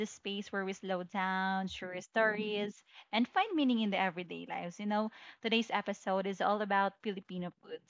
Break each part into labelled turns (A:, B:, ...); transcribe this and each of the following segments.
A: the space where we slow down, share stories, and find meaning in the everyday lives. Today's episode is all about Filipino food,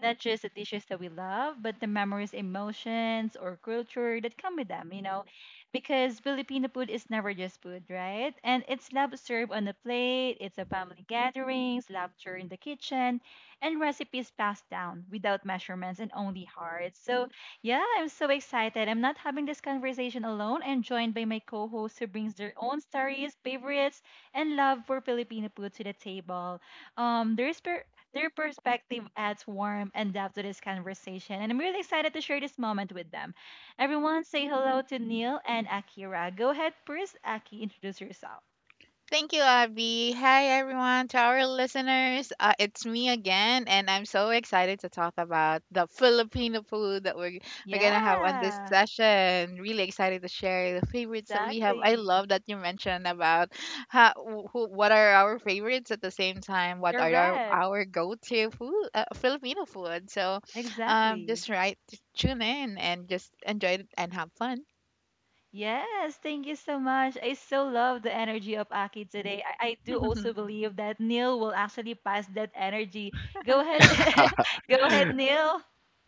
A: not just the dishes that we love, but the memories, emotions, or culture that come with them, because Filipino food is never just food, right? And it's love served on the plate, it's a family gatherings, laughter in the kitchen, and recipes passed down without measurements and only hearts. So, yeah, I'm so excited. I'm not having this conversation alone. I'm joined by my co host who brings their own stories, favorites, and love for Filipino food to the table. Um, there's per- their perspective adds warmth and depth to this conversation, and I'm really excited to share this moment with them. Everyone, say hello to Neil and Akira. Go ahead, first, Aki, introduce yourself.
B: Thank you, Abby. Hi, everyone, to our listeners. It's me again, and I'm so excited to talk about the Filipino food that we're gonna have on this
A: Yeah,
B: session. Really excited to share the favorites that we have. I
A: exactly.
B: love that you mentioned about how, who, what are our favorites at the same time. What are our,
A: Correct.
B: our go-to food, Filipino food?
A: Exactly.
B: Just right, just tune in and just enjoy it and have fun.
A: Yes, thank you so much. I so love the energy of Aki today. I do also believe that Neil will actually pass that energy. Go ahead, go ahead, Neil.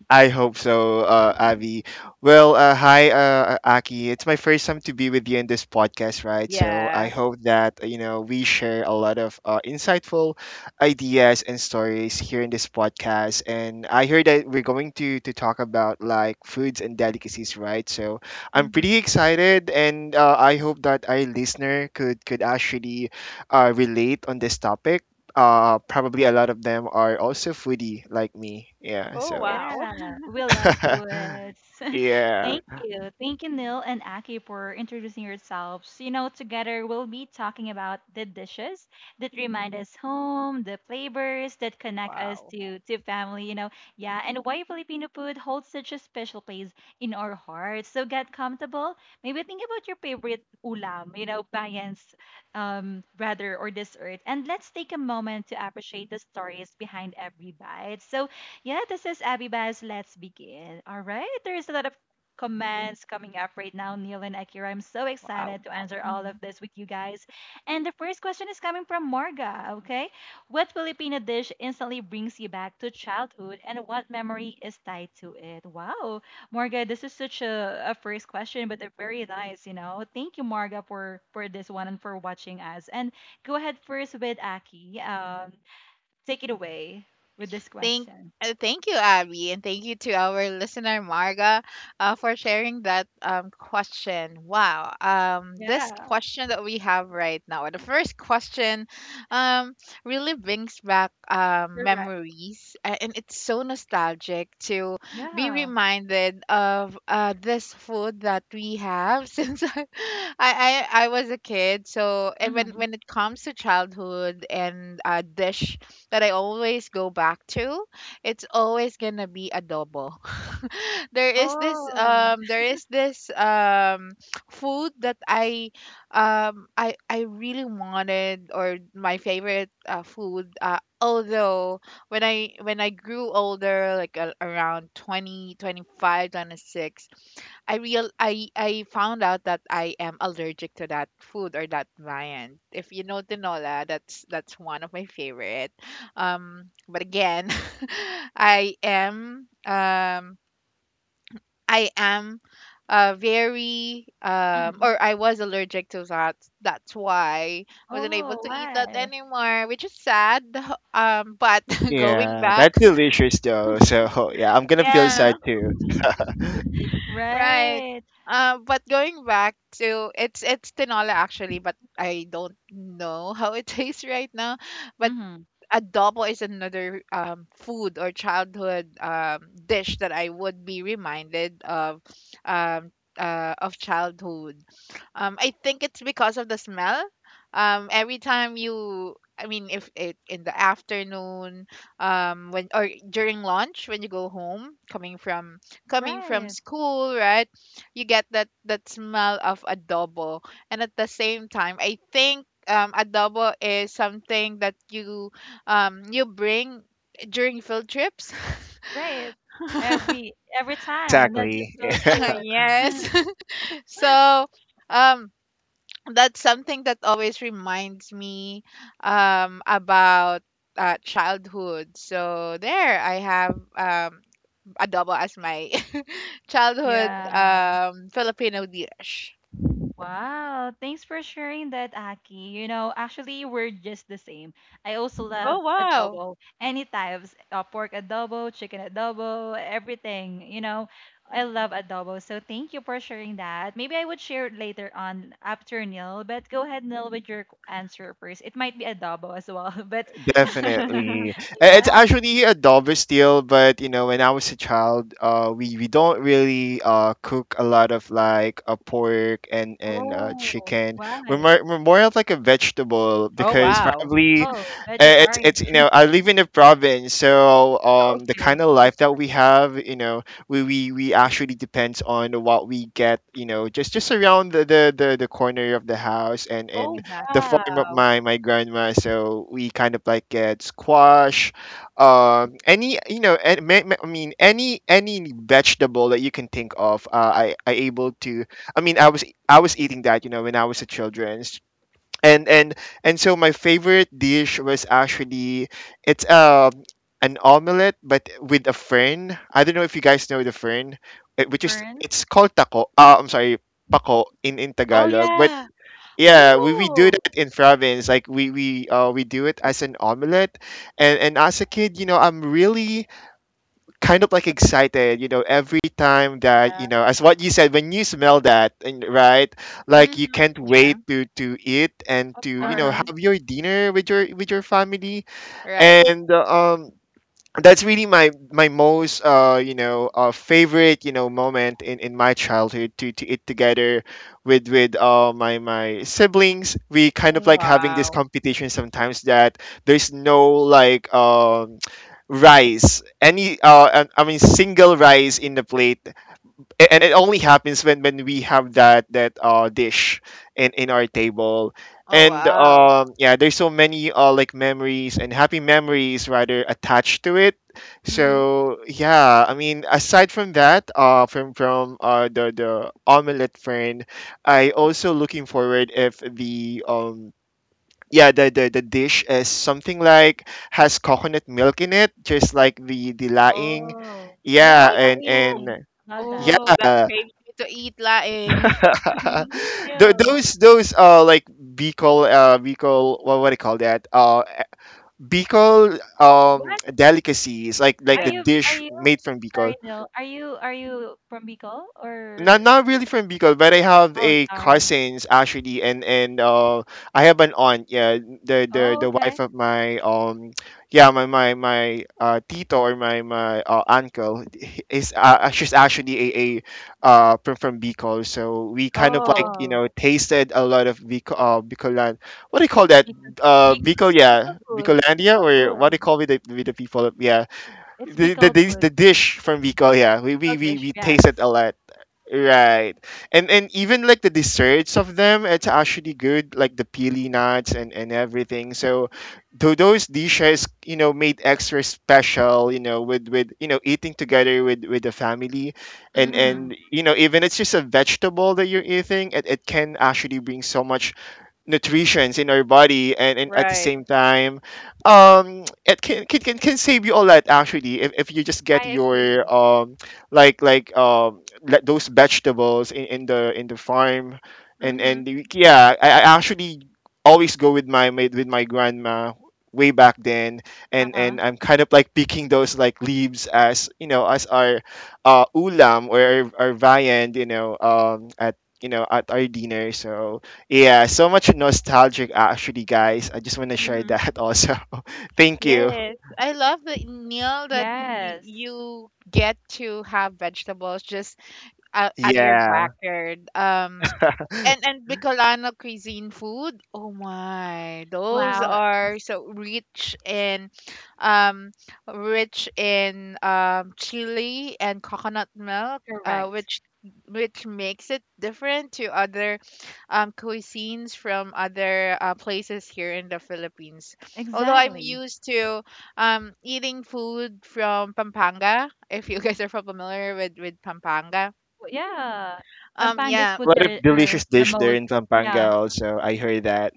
C: I hope so, Avi. Well, hi, Aki. It's my first time to be with you in this podcast, right? So I
B: Yeah.
C: hope that we share a lot of insightful ideas and stories here in this podcast. And I heard that we're going to talk about like foods and delicacies, right? So I'm
B: hmm
C: pretty excited, and I hope that our listener could actually relate on this topic. Probably a lot of them are also foodie like me. Yeah,
B: Oh
C: so.
B: wow.
A: Yeah, we love poets.
C: Yeah.
A: Thank you. Thank you, Neil and Aki, for introducing yourselves. Together we'll be talking about the dishes that remind us home, the flavors that connect us
B: Wow,
A: to family, yeah, and why Filipino food holds such a special place in our hearts. So get comfortable. Maybe think about your favorite ulam, payans, brother or dessert. And let's take a moment to appreciate the stories behind every bite. So, yeah, this is Abby Baz. Let's begin. All right. There's a lot of comments coming up right now, Neil and Akira. I'm so
B: wow.
A: excited to answer all of
B: Mhm.
A: this with you guys. And the first question is coming from Morga. Okay. What Filipino dish instantly brings you back to childhood, and what memory is tied to it? Wow. Morga, this is such a first question, but they're very nice. Thank you, Morga, for this one and for watching us. And go ahead first with Aki. Take it away with this
B: Thank
A: question.
B: thank you, Abby, and thank you to our listener Marga for sharing that question. Wow, this
A: Yeah,
B: question that we have right now, the first question, um, really brings back
A: correct.
B: memories, and it's so nostalgic to be
A: Yeah.
B: reminded of this food that we have since I was a kid. So, and when
A: Mhm.
B: it comes to childhood and dish that I always go back to, it's always gonna be adobo. there is this
A: Oh.
B: um there is this um food that I really wanted or my favorite food, although when I grew older like around 20, 25, 26, I found out that I am allergic to that food or that viand. If you know tinola, that's one of my favorite. But again, I am um I am very,
A: Mhm.
B: or I was, allergic to that. That's why I wasn't able
A: Oh,
B: to eat that
A: why?
B: anymore, which is sad. But, going
C: Yeah.
B: back,
C: That's delicious though. So yeah, I'm gonna feel
B: yeah,
C: sad too.
B: right.
A: Right.
B: But going back to, it's tinola actually, but I don't know how it tastes right now. But
A: Mhm.
B: adobo is another food or childhood dish that I would be reminded of, um, of childhood. I think it's because of the smell. Every time you, I mean, if it in the afternoon, when or during lunch when you go home, coming from
A: Right.
B: school, right? You get that smell of adobo, and at the same time, I think adobo is something that you bring during field trips.
A: Right. Every time that this
C: Exactly.
A: field trip.
B: Yes. So um that's something that always reminds me about childhood. So there I have adobo as my childhood
A: Yeah.
B: Filipino dish.
A: Wow, thanks for sharing that, Aki. Actually, we're just the same. I also
B: Oh
A: love
B: wow.
A: adobo, any types, pork adobo, chicken adobo, everything. I love adobo. So thank you for sharing that. Maybe I would share it later on after Neil, but go ahead, Neil, with your answer first. It might be adobo as well, but
C: Definitely. It's
A: yeah.
C: actually a Dover steal, but when I was a child, we don't really cook a lot of like pork and
A: Oh,
C: chicken. We're more,
A: why?
C: we're more of like a vegetable,
B: Oh
C: because
B: wow.
C: probably
A: Oh, vegetarian.
C: it's I live in a province. So the
A: Okay,
C: kind of
A: that's
C: life that we have, we actually depends on what we get, just around the corner of the house and
B: Oh
C: and the
A: exactly.
C: farm of
B: wow.
C: my grandma. So we kind of like get squash, any any vegetable that you can think of. I able to I mean I was eating that when I was a children's. And and and so my favorite dish was actually it's an omelette but with a fern. I don't know if you guys know the fern, eh? Which is,
A: Fern,
C: it's called taco, I'm sorry, pako in
B: Oh
C: Tagalog. But
B: yeah.
C: yeah, we do
B: Oh.
C: that in province. Like we do it as an omelette, and as a kid, I'm really kind of like excited. Every time that,
A: yeah,
C: as what you said, when you smell that, and right, like you
B: Mhm.
C: can't
B: Yeah.
C: wait to eat and
A: of
C: to
B: Uh-huh.
A: course.
C: have your dinner with your family.
B: Right.
C: And That's really my most favorite moment in my childhood, to eat together with my siblings. We kind of like having this
B: Wow.
C: competition sometimes that there's no like rice, any I mean single rice in the plate, and it only happens when we have that dish in our table,
B: Oh,
C: and
B: wow.
C: yeah, there's so many like memories, and happy memories rather, attached to it.
B: Mhm.
C: So yeah, I mean, aside from that, from the omelette friend, I also looking forward if the yeah the dish is something like has coconut milk in it, just like the laing.
A: Oh, yeah,
C: Yeah,
B: Oh,
C: and
B: yeah.
A: lying.
C: and
A: Love that.
B: Oh, that
C: yeah.
B: craves me to eat laing.
A: Me
C: Tho-
A: too.
C: those Like Bicol, Bicol, what do you call that? Bicol,
A: What?
C: delicacies, like
A: Are
C: like the
B: Yeah.
A: you are
C: dish
A: you
C: made from
A: sorry,
C: Bicol.
A: Nil. Are you from Bicol,
C: not
A: or
C: not really from Bicol, but I have
A: oh
C: a
A: sorry.
C: cousins actually, and I have an aunt. Yeah, the the
A: Oh,
C: the wife
A: okay.
C: of my tito, or my uncle, he- is she's actually a from Bicol. So we kind of like
B: Oh.
A: Oh.
C: tasted a lot of Bicol, Bicolan. What do you call that?
A: Bicol Bicol
C: Bicol?
A: Bicol
C: Yeah,
A: foods.
C: Bicolandia?
A: Bicol
C: Or what do
A: food.
C: you call, with the people? Yeah,
A: It's
C: the the,
A: Bicol food.
C: the dish from Bicol. Yeah, we we
A: Bicol
C: we,
A: dish,
C: we
A: yes.
C: tasted a lot. Right. And even like the desserts of them, it's actually good, like the peely nuts and everything. So though those dishes, made extra special, with eating together with the family and
B: Mhm.
A: Mm-hmm.
C: and you know, even it's just a vegetable that you're eating, it can actually bring so much nutrients in our body. And at the
B: Right.
C: same time, it can save you a lot actually, if you just get
A: I
C: your
A: agree.
C: let those vegetables in, the farm. And
B: Mhm.
C: I actually always go with my grandma way back then, and
A: Uh-huh.
C: and I'm kind of like picking those like leaves, as you know as our ulam, or our viand, at at our dinner. So yeah, so much nostalgic actually, guys. I just want to share
B: Mhm.
C: that also. Thank you.
B: Yes. I love the meal that
A: Yes.
B: you get to have vegetables just out of your
C: Yeah.
B: backyard. Um,
C: A
B: And and Bicolano cuisine food, oh my, those
A: Wow.
B: are so rich in, um, rich in chili and coconut milk,
A: Correct.
B: which makes it different to other cuisines from other places here in the Philippines. Although I'm
A: Exactly.
B: used to eating food from Pampanga, if you guys are familiar with Pampanga.
A: Well, yeah. Pampanga's
B: Yeah.
A: foods
C: lot of
A: are
C: delicious
A: the
C: dish there
A: most,
C: in Pampanga
A: yeah.
C: also. I heard that.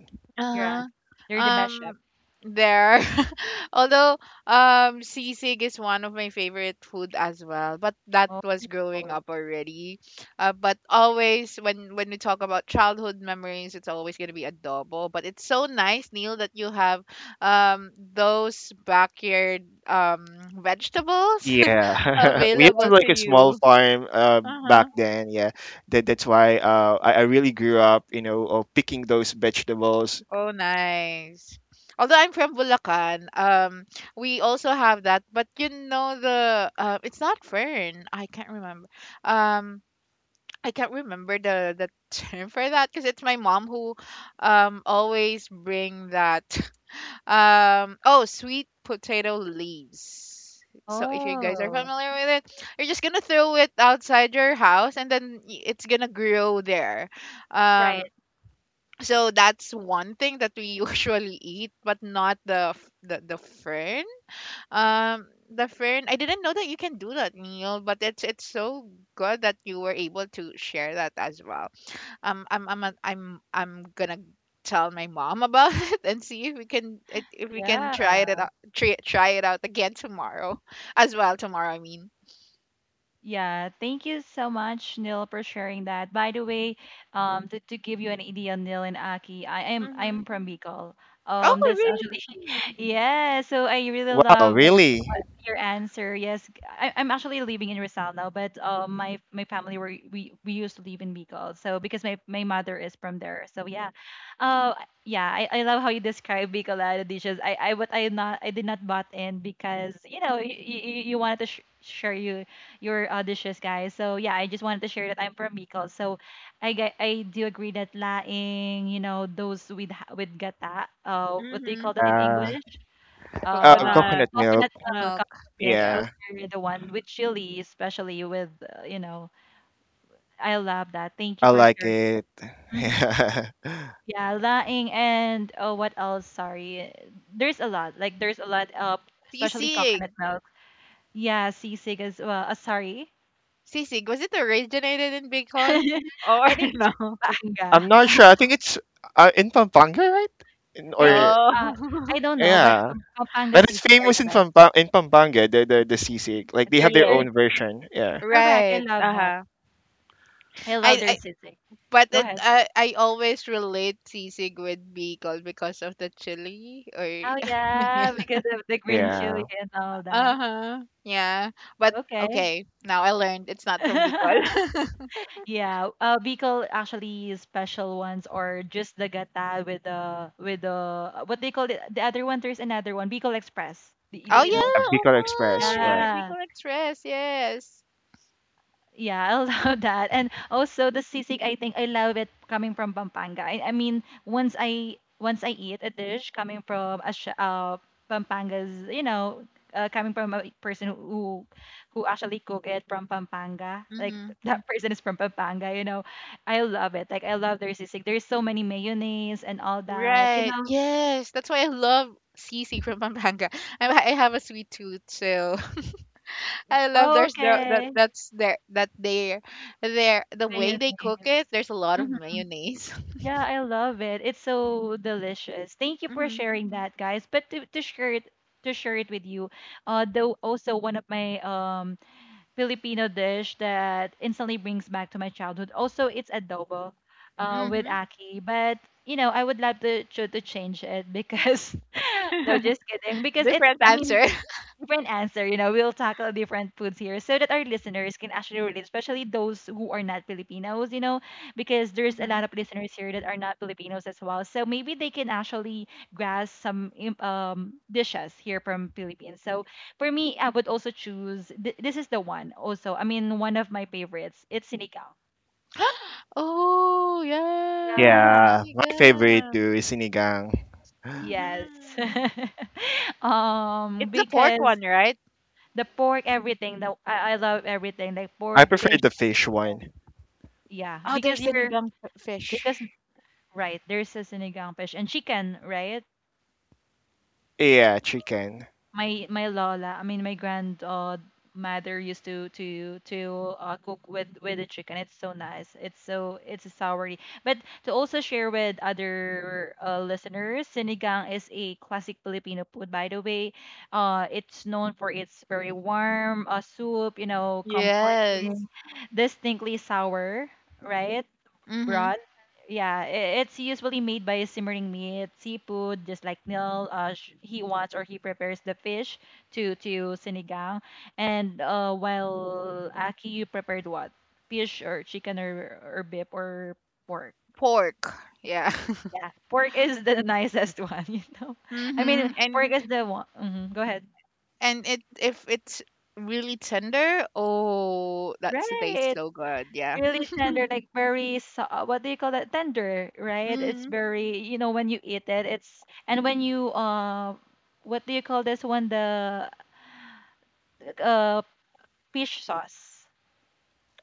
A: Yeah.
B: Uh-huh.
A: They're the best chef.
B: Um there. Although sisig is one of my favorite food as well, but that
A: Oh.
B: was growing up already. But always when we talk about childhood memories, it's always going to be adobo, but it's so nice, Neil, that you have those backyard vegetables
C: Yeah. We
B: available
C: have
B: to
C: like a small
B: you.
C: farm,
B: Uh-huh.
C: back then, yeah. That's why I really grew up, of picking those vegetables.
B: Oh, nice. Although I'm from Bulacan, we also have that, but you know the, it's not fern. I can't remember. Um, I can't remember the term for that because it's my mom who, always bring that. Oh, sweet potato leaves. So if you guys are
A: Oh.
B: familiar with it, you're just gonna throw it outside your house, and then it's gonna grow there.
A: Right.
B: Um, so that's one thing that we usually eat, but not the the fern. The fern. I didn't know that you can do that, Neil. But it's so good that you were able to share that as well. I'm a- I'm I'm gonna tell my mom about it and see if we can, if we can
A: Yeah.
B: try it out, try it out again tomorrow, as well tomorrow. I mean.
A: Yeah, thank you so much, Neil, for sharing that. By the way, to give you an idea, Neil and Aki, I am
B: Mm-hmm.
A: I'm from Bicol.
B: Oh,
A: That's actually
B: really?
A: yeah. So I really
C: Wow,
A: love what,
C: really?
A: what your answer. Yes, I am actually living in Rizal now, but my family were we used to live in Bicol. So because my mother is from there. So yeah, uh, yeah, I love how you describe Bicolada dishes. I but I not I did not bought in because you wanted to share your dishes, guys. So yeah, I just wanted to share that I'm from Bicol. So I do agree that laing, those with with gata, what do you call
B: Mm-hmm.
A: that in
C: Uh,
A: English? Uh,
B: Coconut
C: Coconut milk.
A: Coconut milk,
B: milk.
A: coconut milk.
B: Yeah.
C: Yeah.
A: Those are the one with chili, especially with. I love that. Thank you
C: I
A: for
C: like
A: sharing.
C: it.
A: Mhm.
C: Yeah,
A: Yeah, laing and oh, what else? Sorry, there's a lot. Like there's a lot of especially
B: Sisig.
A: coconut milk. Yeah, sisig as well. Sorry.
B: Sisig, was it originated in Bicol or
A: I think it's
B: no?
A: from
C: I'm
A: Banga.
C: not sure. I think it's in Pampanga, right?
A: I think
C: Or
A: uh,
B: Oh.
A: I don't know, but
C: yeah,
A: Pampanga
C: that is
A: sisig are
C: famous
A: the best.
C: In Pampanga, the sisig. Like they have
A: They're
C: their
A: they're
B: Yes,
C: own version. Yeah,
A: correct. I
B: right.
A: love that.
B: Uh-huh.
A: I love their
B: I
A: sisig.
B: but
A: Go
B: it,
A: ahead.
B: I always relate sisig with Bicol because of the chili or
A: Oh
B: yeah.
A: yeah, because of the green
C: yeah,
A: chili and all that.
B: Uh-huh. Yeah. But
A: Okay.
B: okay, now I learned it's not from Bicol.
A: Yeah, Bicol actually special ones or just the gata with the what they call it the other one. There's another one, Bicol Express. Do
B: Oh
A: you know
C: yeah.
B: yeah, oh
C: Bicol
A: that?
C: Express,
B: my.
C: right?
A: Yeah,
B: Bicol Express, yes.
A: yeah, I love that. And also the sisig, I think I love it coming from Pampanga. I mean, once I eat a dish coming from a Pampanga's, coming from a person who actually cook it from Pampanga, like
B: Mm-hmm.
A: that person is from Pampanga, I love it. Like I love their sisig. There's so many mayonnaise and all that, you
B: Right.
A: know.
B: Yes, that's why I love sisig from Pampanga. I have a sweet tooth, so I love
A: Oh,
B: there's the, that
A: okay,
B: that's their, that their the way they cook it.
A: mayonnaise.
B: There's a lot of mayonnaise.
A: Yeah, I love it. It's so delicious. Thank you for
B: Mhm.
A: sharing that, guys. But to share it with you, though also one of my Filipino dish that instantly brings back to my childhood. Also, it's adobo, with
B: Mhm.
A: aki. But I would love to to change it because no, just kidding. Because
B: Different
A: I mean,
B: answer.
A: different answer. We'll tackle different foods here so that our listeners can actually relate, especially those who are not Filipinos, because there's a
B: Mhm.
A: lot of listeners here that are not Filipinos as well. So maybe they can actually grasp some dishes here from Philippines. So for me, I would also choose this is the one also. I mean, one of my favorites. It's sinigang.
B: Oh yeah,
A: Yeah.
C: Yeah, my favorite
B: sinigang.
C: too is sinigang.
A: Yes.
B: Mhm. It's the pork
A: Because
B: one, right?
A: the pork, everything. I love everything like
C: I
A: pork,
C: prefer
A: fish.
C: the fish one.
A: Yeah,
B: Oh, there's sinigang
A: because
B: fish.
A: right, there's a sinigang fish and chicken, right?
C: Yeah, chicken.
A: My lola, I mean my grand mother used to cook with the chicken. It's so nice. It's a soury. But to also share with other listeners, sinigang is a classic Filipino food. By the way, it's known for its very warm soup,
B: Yes.
A: comforting, distinctly sour. Right,
B: Mhm.
A: broth. Yeah, it's usually made by simmering meat, seafood, just like Neil he wants or he prepares the fish to sinigang. And while Aki, you prepared what? Fish or chicken or beef or pork.
B: Pork. Yeah.
A: Yeah, pork is the nicest one. I
B: Mhm.
A: mean,
B: and
A: pork is the one. Mhm. Go ahead.
B: and it, if it's really tender, oh, that's, it tastes
A: Right.
B: so good, yeah.
A: Really tender, like very what do you call that? Tender, right? It's
B: Hmm.
A: very when you eat it, it's and when you what do you call this one? The uh fish sauce.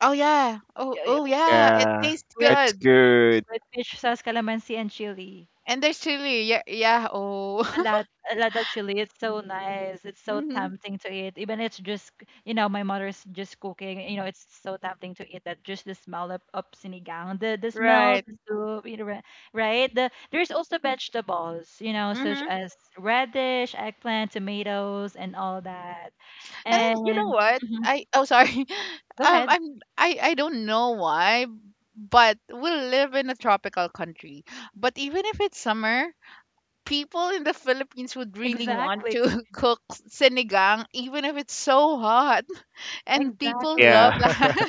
B: Oh yeah. Oh,
A: Yeah, yeah.
B: yeah, it
C: Yeah,
B: tastes
A: with
C: that's
B: good.
C: good.
A: with fish sauce, calamansi and chili.
B: And there's chili. Yeah, Oh.
A: A lot of chili. It's so nice. It's so
B: Hmm.
A: tempting to eat. Even it's just my mother's just cooking, it's so tempting to eat that, just the smell of sinigang, the smell,
B: Right.
A: the soup, right? There's also vegetables, such
B: Hmm.
A: as radish, eggplant, tomatoes, and all that.
B: And then you know
A: And,
B: what?
A: mhm,
B: I, oh, sorry.
A: go
B: Um
A: ahead.
B: I'm I I don't know why, but we live in a tropical country. But even if it's summer, people in the Philippines would really want
A: Exactly.
B: to cook sinigang even if it's so hot. And people
A: Exactly.
B: love
C: Yeah,
B: that.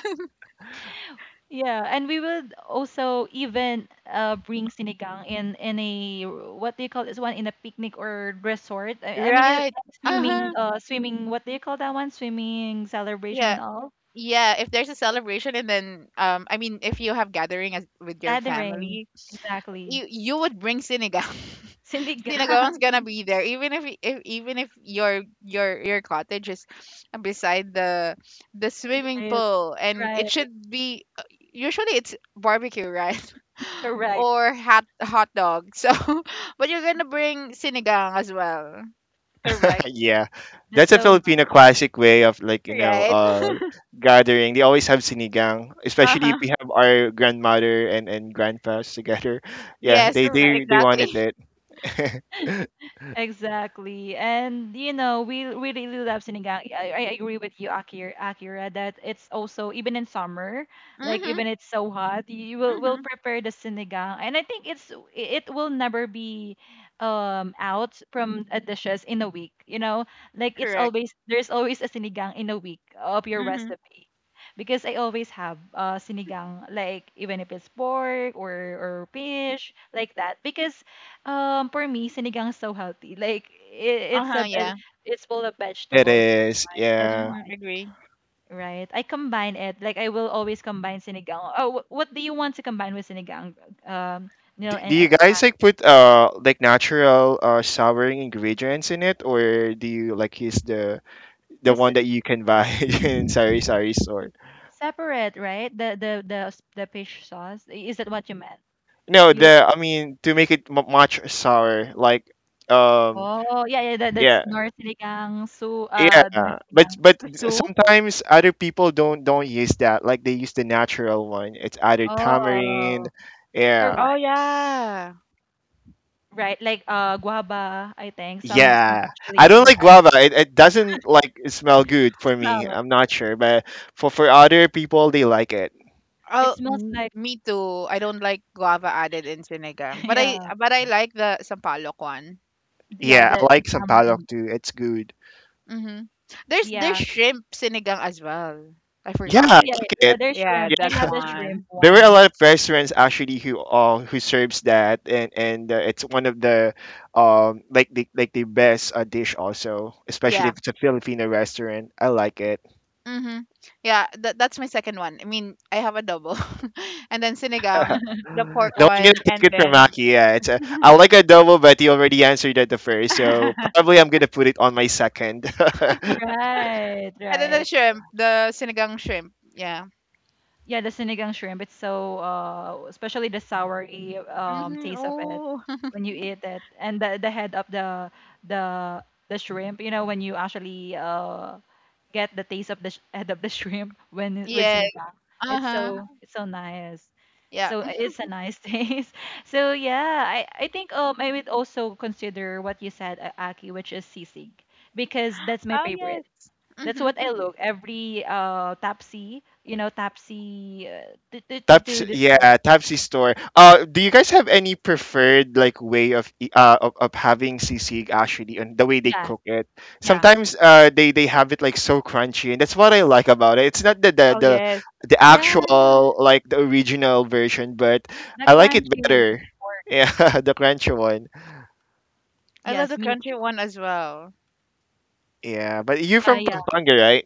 A: Yeah, and we would also even bring sinigang in a what do you call this one, in a picnic or resort. I, I mean, in
B: Right.
A: a
B: Uh-huh.
A: swimming, swimming. What do you call that one? Swimming celebration
B: Yeah.
A: and all
B: Yeah, if there's a celebration and then, I mean, if you have gathering as with your
A: gathering.
B: family,
A: Exactly,
B: you would bring sinigang.
A: sinigang.
B: Sinigang is gonna be there even if, even if your cottage is beside the swimming
A: Right,
B: pool, and it
A: right.
B: should be, usually it's barbecue, right?
A: Correct,
B: Or hot dog. So but you're gonna bring sinigang as well,
A: correct.
C: yeah.
A: That's
C: That's a
A: so nice.
C: Filipino classic way of like
B: right?
C: gathering. They always have sinigang, especially if
B: Uh-huh.
C: we have our grandmother and grandpas together. Yeah,
B: Yes,
C: they
A: Correct.
C: they they
B: exactly.
C: wanted it.
A: Exactly. And we really love sinigang. I agree with you, Akira, that it's also even in summer, like
B: Mhm.
A: even it's so hot, you will
B: Mhm.
A: prepare the sinigang. And I think it will never be out from dishes in a week? Like it's
B: Correct.
A: always there's always a sinigang in a week of your
B: Mhm.
A: recipe. Because I always have sinigang, like even if it's pork or fish, like that. Because for me, sinigang is so healthy. Like it, it's
B: Uh-huh,
A: a ve-
B: yeah.
A: it's full of
C: It
A: vegetables.
C: is,
A: That's
C: yeah.
B: Mhm,
A: why,
B: agree.
A: right? I combine it. Like I will always combine sinigang. Oh, what do you want to combine with sinigang? Um, Neil
C: Do
A: and I,
C: you guys like put like natural souring ingredients in it, or do you like use the
A: this
C: one that you can buy in sari sari store?
A: separate, right? The fish sauce. Is that what you meant?
C: No,
A: You
C: the I mean to make it m much sour, like um
A: oh yeah yeah that's
C: yeah,
A: nor sinigang su nor
C: yeah. But
A: sinigang.
C: but
B: The soup?
C: sometimes other people don't use that. Like they use the natural one. It's either tamarind,
A: Oh,
C: yeah.
B: Oh
A: correct,
B: yeah.
A: right? Like guava, I think some
C: Yeah, I
A: actually
C: don't
A: will
C: like
A: add
C: guava. It doesn't like smell good for
A: the
C: me.
A: smell.
C: I'm not sure, but for other people, they like it.
A: It
B: Oh,
A: smells like.
B: me too. I don't like guava added in sinigang,
A: Yeah.
B: but I like the sampalok one.
A: Yeah,
C: Yeah, I
A: the
C: like sampalok
A: tamarind.
C: too. It's good.
B: Mhm. There's
A: Yeah,
B: shrimp sinigang as well. I
C: Yeah, I
A: yeah,
B: forgot.
A: yeah,
C: like
A: yeah,
C: it.
A: there's
B: Yeah,
A: shrimp. I
C: Yeah,
B: that's
A: love the shrimp
B: one.
C: there were a
A: one.
C: lot of restaurants actually who serves that, and it's one of the like the best dish also, especially
B: Yeah.
C: if it's a Filipino restaurant. I like it.
B: Mhm. Yeah, that's my second one. I mean, I have a double, and then sinigang, the pork
C: No, I'm gonna
B: one,
C: take
B: and
C: it from
B: then
C: Aki. Yeah, I like a double, but he already answered that the first, so probably I'm gonna put it on my second.
A: Right,
B: and then the
A: right.
B: shrimp, the sinigang shrimp. Yeah.
A: Yeah, the sinigang shrimp. It's so especially the soury
B: Mhm.
A: taste of it
B: Oh.
A: when you eat it, and the head of the the shrimp. You know when you actually get the taste of the head of the shrimp when with
B: Yeah.
A: sinigang.
B: Uh-huh.
A: It's so nice.
B: Yeah.
A: So it's a nice taste. So yeah, I think I would also consider what you said, Aki, which is sisig, because that's my
B: Oh yes.
A: favorite. That's what
B: Mm-hmm.
A: I look every Tapsi, you know, Tapsi to, to to
C: Taps,
A: to describe.
C: yeah, Tapsy store. Do you guys have any preferred like way of having sisig actually, and the way they
A: Yeah,
C: cook it?
A: yeah,
C: Sometimes they have it like so crunchy, and that's what I like about it. It's not the the
B: Oh
C: the,
B: yes.
C: the
A: yeah.
C: actual, like the original version, but
A: The
C: I like it
A: crunchy
C: better.
A: pork.
C: Yeah, the crunchy one.
B: I love
A: Yes,
B: the
A: me
B: country
A: too.
B: one as well.
C: Yeah, but you're
A: Yeah,
C: from
A: yeah.
C: Pampanga, right?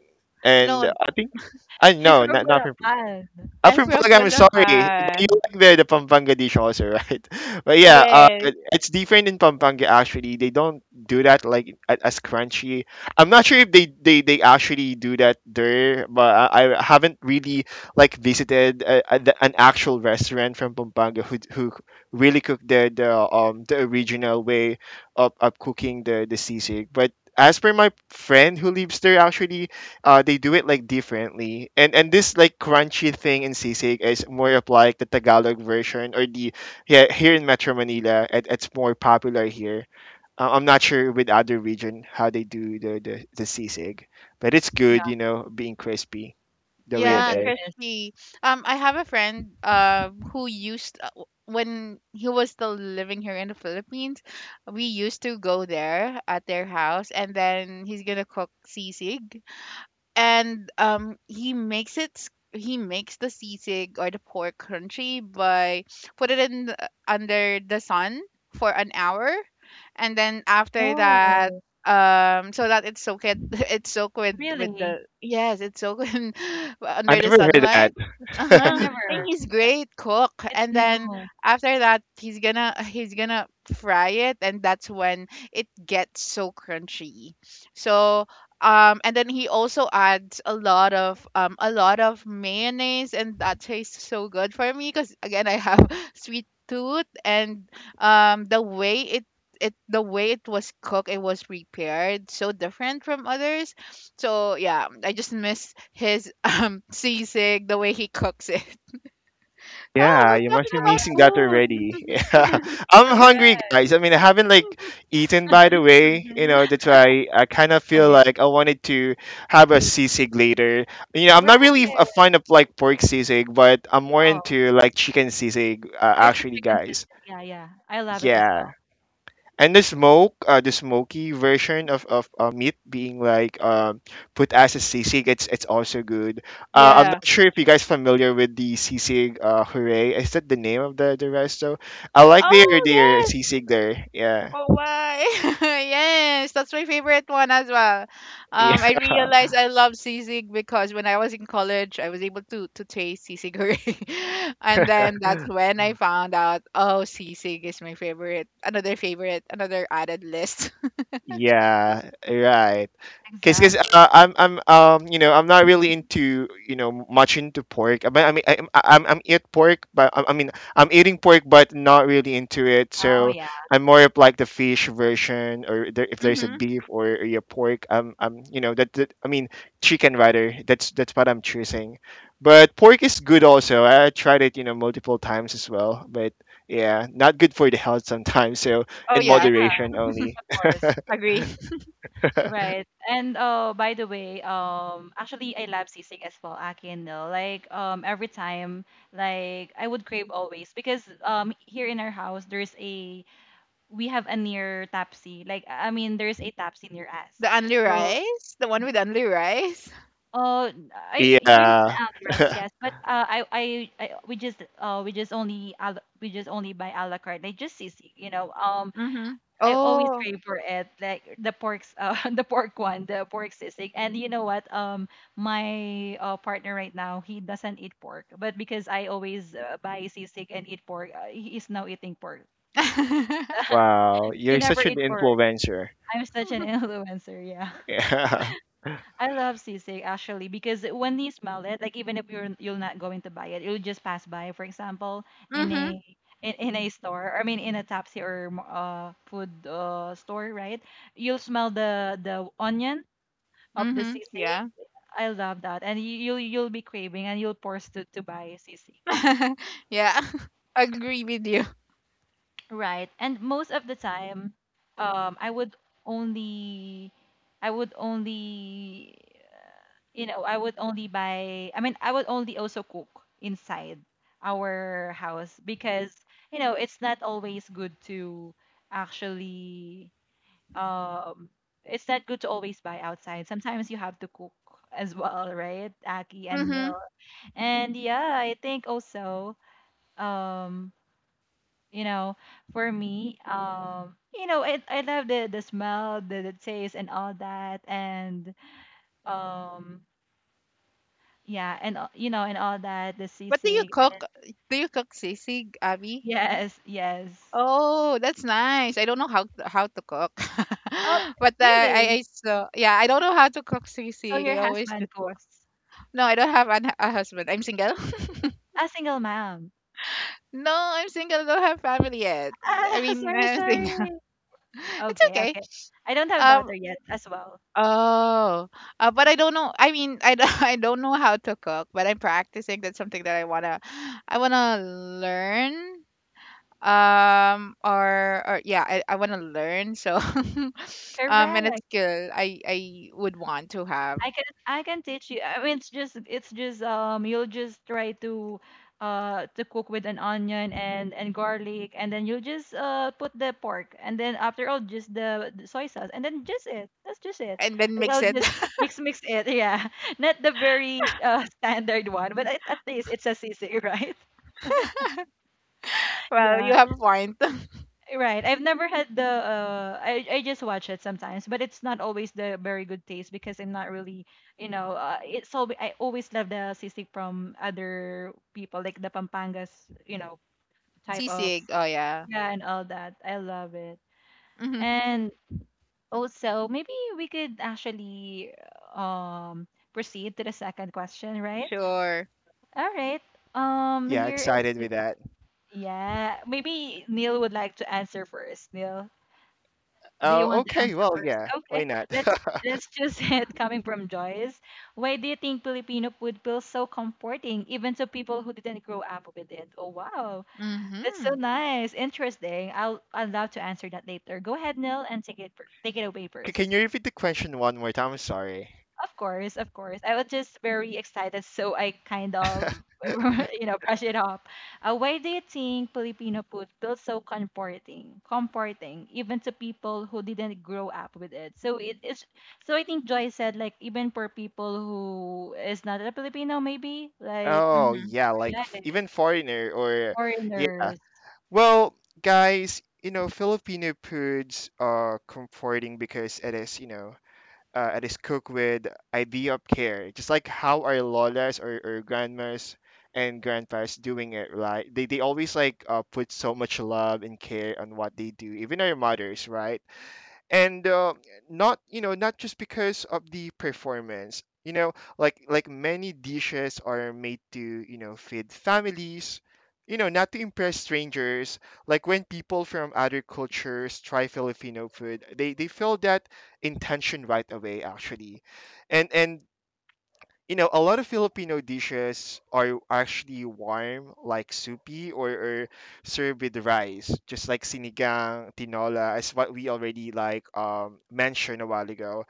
B: No,
C: And I think I
A: She's
C: know,
A: from
C: not from,
A: Bulacan.
C: I'm
B: I'm
C: from
B: from
C: Palaga, I'm sorry. But you
B: Bulacan.
C: like the Pampanga dish also, right? But yeah,
B: Yes.
C: it's different in Pampanga actually. They don't do that like as crunchy. I'm not sure if they actually do that there, but I haven't really like visited an actual restaurant from Pampanga who really cook the original way of cooking the sisig. But as per my friend who lives there actually, they do it like differently, and this like crunchy thing in sisig is more of like the Tagalog version, or the yeah here in Metro Manila, it's more popular here. I'm not sure with other region how they do the sisig, but it's
A: Yeah.
C: good, being crispy the way it
A: Yes,
B: Yeah,
A: it
C: is.
A: is.
B: crispy. I have a friend who used, when he was still living here in the Philippines, we used to go there at their house, and then he's gonna cook sisig. And he makes it, he makes the sisig or the pork crunchy by put it in the, under the sun for an hour and then after that,
A: Oh,
B: so that it's soaked, it's soaked with
A: really?
B: the, yes, it's soaked in,
C: I
B: under the
C: never heard
B: sunlight.
A: Yeah,
B: Uh-huh.
C: that.
B: And
A: never.
B: he's
A: But
B: great cook,
A: it's
B: and then
A: new.
B: after that, he's gonna fry it, and that's when it gets so crunchy. So and then he also adds a lot of, a lot of mayonnaise, and that tastes so good for me because again I have sweet tooth. And the way it it the way it was cooked, it was prepared so different from others. So yeah, I just miss his seasick the way he cooks it. Oh,
C: Yeah, you
B: we're
C: must
B: talking
C: be
B: about
C: missing that already.
B: food.
C: Yeah. I'm hungry,
A: Correct.
C: guys. I mean, I haven't like eaten by the way,
B: Hmm.
C: that's why I kind of
A: Right.
C: feel
A: Right.
C: like I wanted to have a
A: Yes,
C: sisig later. I'm
A: right.
C: not really a fan of like pork sisig, but I'm more
A: Oh,
C: into like chicken sisig,
A: there's a
C: actually,
A: chicken
C: guys.
A: system. Yeah, yeah. I love it as well.
C: Yeah, and the smoke the smoky version of meat being like put as a sisig, it's also good. I'm
B: Yeah.
C: not sure if you guys familiar with the sisig, hooray? Is that the name of the resto? I like their
B: Oh.
C: sisig there. Yeah.
B: Oh why? Yes, that's my favorite one as well. I
C: Yeah,
B: realized I love sisig because when I was in college, I was able to taste sisig already, and then that's when I found out. Oh, sisig is my favorite. Another favorite. Another added list.
C: yeah, right. Cause, cause
A: Exactly.
C: uh, I'm not really into, much into pork. But I mean, I, I'm eat pork, but I mean, I'm eating pork, but not really into it.
A: Oh,
C: So
A: yeah.
C: I'm more of like the fish version, or there, if there's a
B: Mm-hmm.
C: beef or a pork, I mean, chicken rather. That's what I'm choosing. But pork is good also. I tried it, multiple times as well. But yeah, not good for the health sometimes. So
B: Oh
C: in
A: Yeah,
B: yeah,
C: moderation only.
A: of course.
B: agree.
A: Right. And by the way, actually I love sisig as well, akin though. Like every time like I would crave always because here in our house there's a we have a near tapsi. Like I mean there's a tapsi near us.
B: The only
A: So
B: rice, the one with only rice.
A: I there's an
C: Yeah.
A: alley rice, yes, but I we just only we just only buy a la carte. Like just sisig, you know.
B: Mm-hmm.
A: I always
B: Oh.
A: crave for it, like the pork's, the pork one, the pork sisig. And you know what? My partner right now, he doesn't eat pork, but because I always buy sisig and eat pork, he is now eating pork.
B: Mm-hmm.
C: Wow,
A: He
C: you're
A: never
C: such an
A: eat pork.
C: influencer.
A: I'm such an influencer, yeah.
C: Yeah.
A: I love sisig actually because when you smell it, like even if you're not going to buy it, you will just pass by. For example, in a in a store, I mean in a Tapsi or food store, right? You'll smell the onion of the
B: Mm-hmm.
A: sisig.
B: Yeah.
A: I love that, and you'll be craving and you'll force to buy sisig.
B: Yeah. Agree with you.
A: Right. And most of the time, um, I would only, I would only, you know, I would only buy, I mean, I would only also cook inside our house because, you know, it's not always good to actually, um, it's not good to always buy outside. Sometimes you have to cook as well, right? Aki and
B: Mm-hmm.
A: Nil. And yeah, I think also, um, you know for me you know I love the smell the taste and all that and um yeah and you know and all that the
B: What do you
A: sisig
B: cook?
A: and
B: Do you cook sisig, Abby?
A: yes yes
B: Oh, that's nice. I don't know how to, cook,
A: oh
B: but
A: really
B: I, saw. Yeah, I don't know how to cook
A: so
B: sisig.
A: your
B: I always
A: husband
B: just want.
A: cooks
B: No, I don't have an, a husband. I'm single.
A: a single mom
B: No, I'm single. I don't have family yet.
A: ah
B: I mean, I'm
A: sorry
B: single. It's
A: okay
B: okay.
A: okay I don't have
B: Um.
A: daughter yet as well
B: Oh, but I don't know. I mean, I don't, I don't know how to cook, but I'm practicing. That's something that I wanna, learn. Or yeah, I want to learn, so and a
A: correct
B: skill I would want to have
A: I can teach you. I mean, it's just you'll just try to cook with an onion and garlic and then you'll just put the pork and then after all just the soy sauce and then just it. That's just it.
B: and then
A: Like
B: mix
A: I'll
B: it.
A: just mix it. Yeah. Not the very standard one, but at least it's a sisig, right?
B: Well, you
A: Yeah.
B: have a point.
A: Right. I've never had the I just watch it sometimes, but it's not always the very good taste because I'm not really, you know, it's all I always love the sisig from other people like the Pampangas, you know, type of
B: Sisig. Oh
A: sisig.
B: yeah.
A: Yeah, and all that. I love it.
B: Hmm.
A: And also, maybe we could actually um proceed to the second question, right?
B: Sure.
A: All right.
C: Yeah,
A: Here is
C: excited
A: the,
C: with that.
A: yeah, maybe Neil would like to answer first. Neil. Do you
C: Oh,
A: want the
C: okay.
A: answer
C: Well,
A: first?
C: yeah. Why
A: Okay,
C: not?
A: let's let's just hit coming from Joyce. Why do you think Filipino food feels so comforting, even to people who didn't grow up with it? Oh wow, that's so
B: Hmm.
A: nice, interesting. I'd love to answer that later. Go ahead, Neil, and take it take it away
C: Can
A: first.
C: you repeat the question one more time? I'm sorry.
A: Of course, of course. I was just very excited, so I kind of, you know, brush it off. Why do you think Filipino food feels so comforting, even to people who didn't grow up with it? So it is. So I think Joy said, like, even for people who is not a Filipino, maybe like
C: Oh,
B: Hmm.
C: yeah. Like
A: right,
C: even foreigner or yeah.
A: foreigners.
C: Well, guys, you know, Filipino foods are comforting because it is, you know, it is cooked with idea of care, just like how our lolas or grandmas and grandpas doing it, right? They always like put so much love and care on what they do. Even our mothers, right? And not you know not just because of the performance you know like many dishes are made to you know feed families you know not to impress strangers like when people from other cultures try Filipino food they feel that intention right away actually and you know, a lot of Filipino dishes are actually warm, like soupy or served with rice, just like sinigang, tinola, as what we already like mentioned a while ago.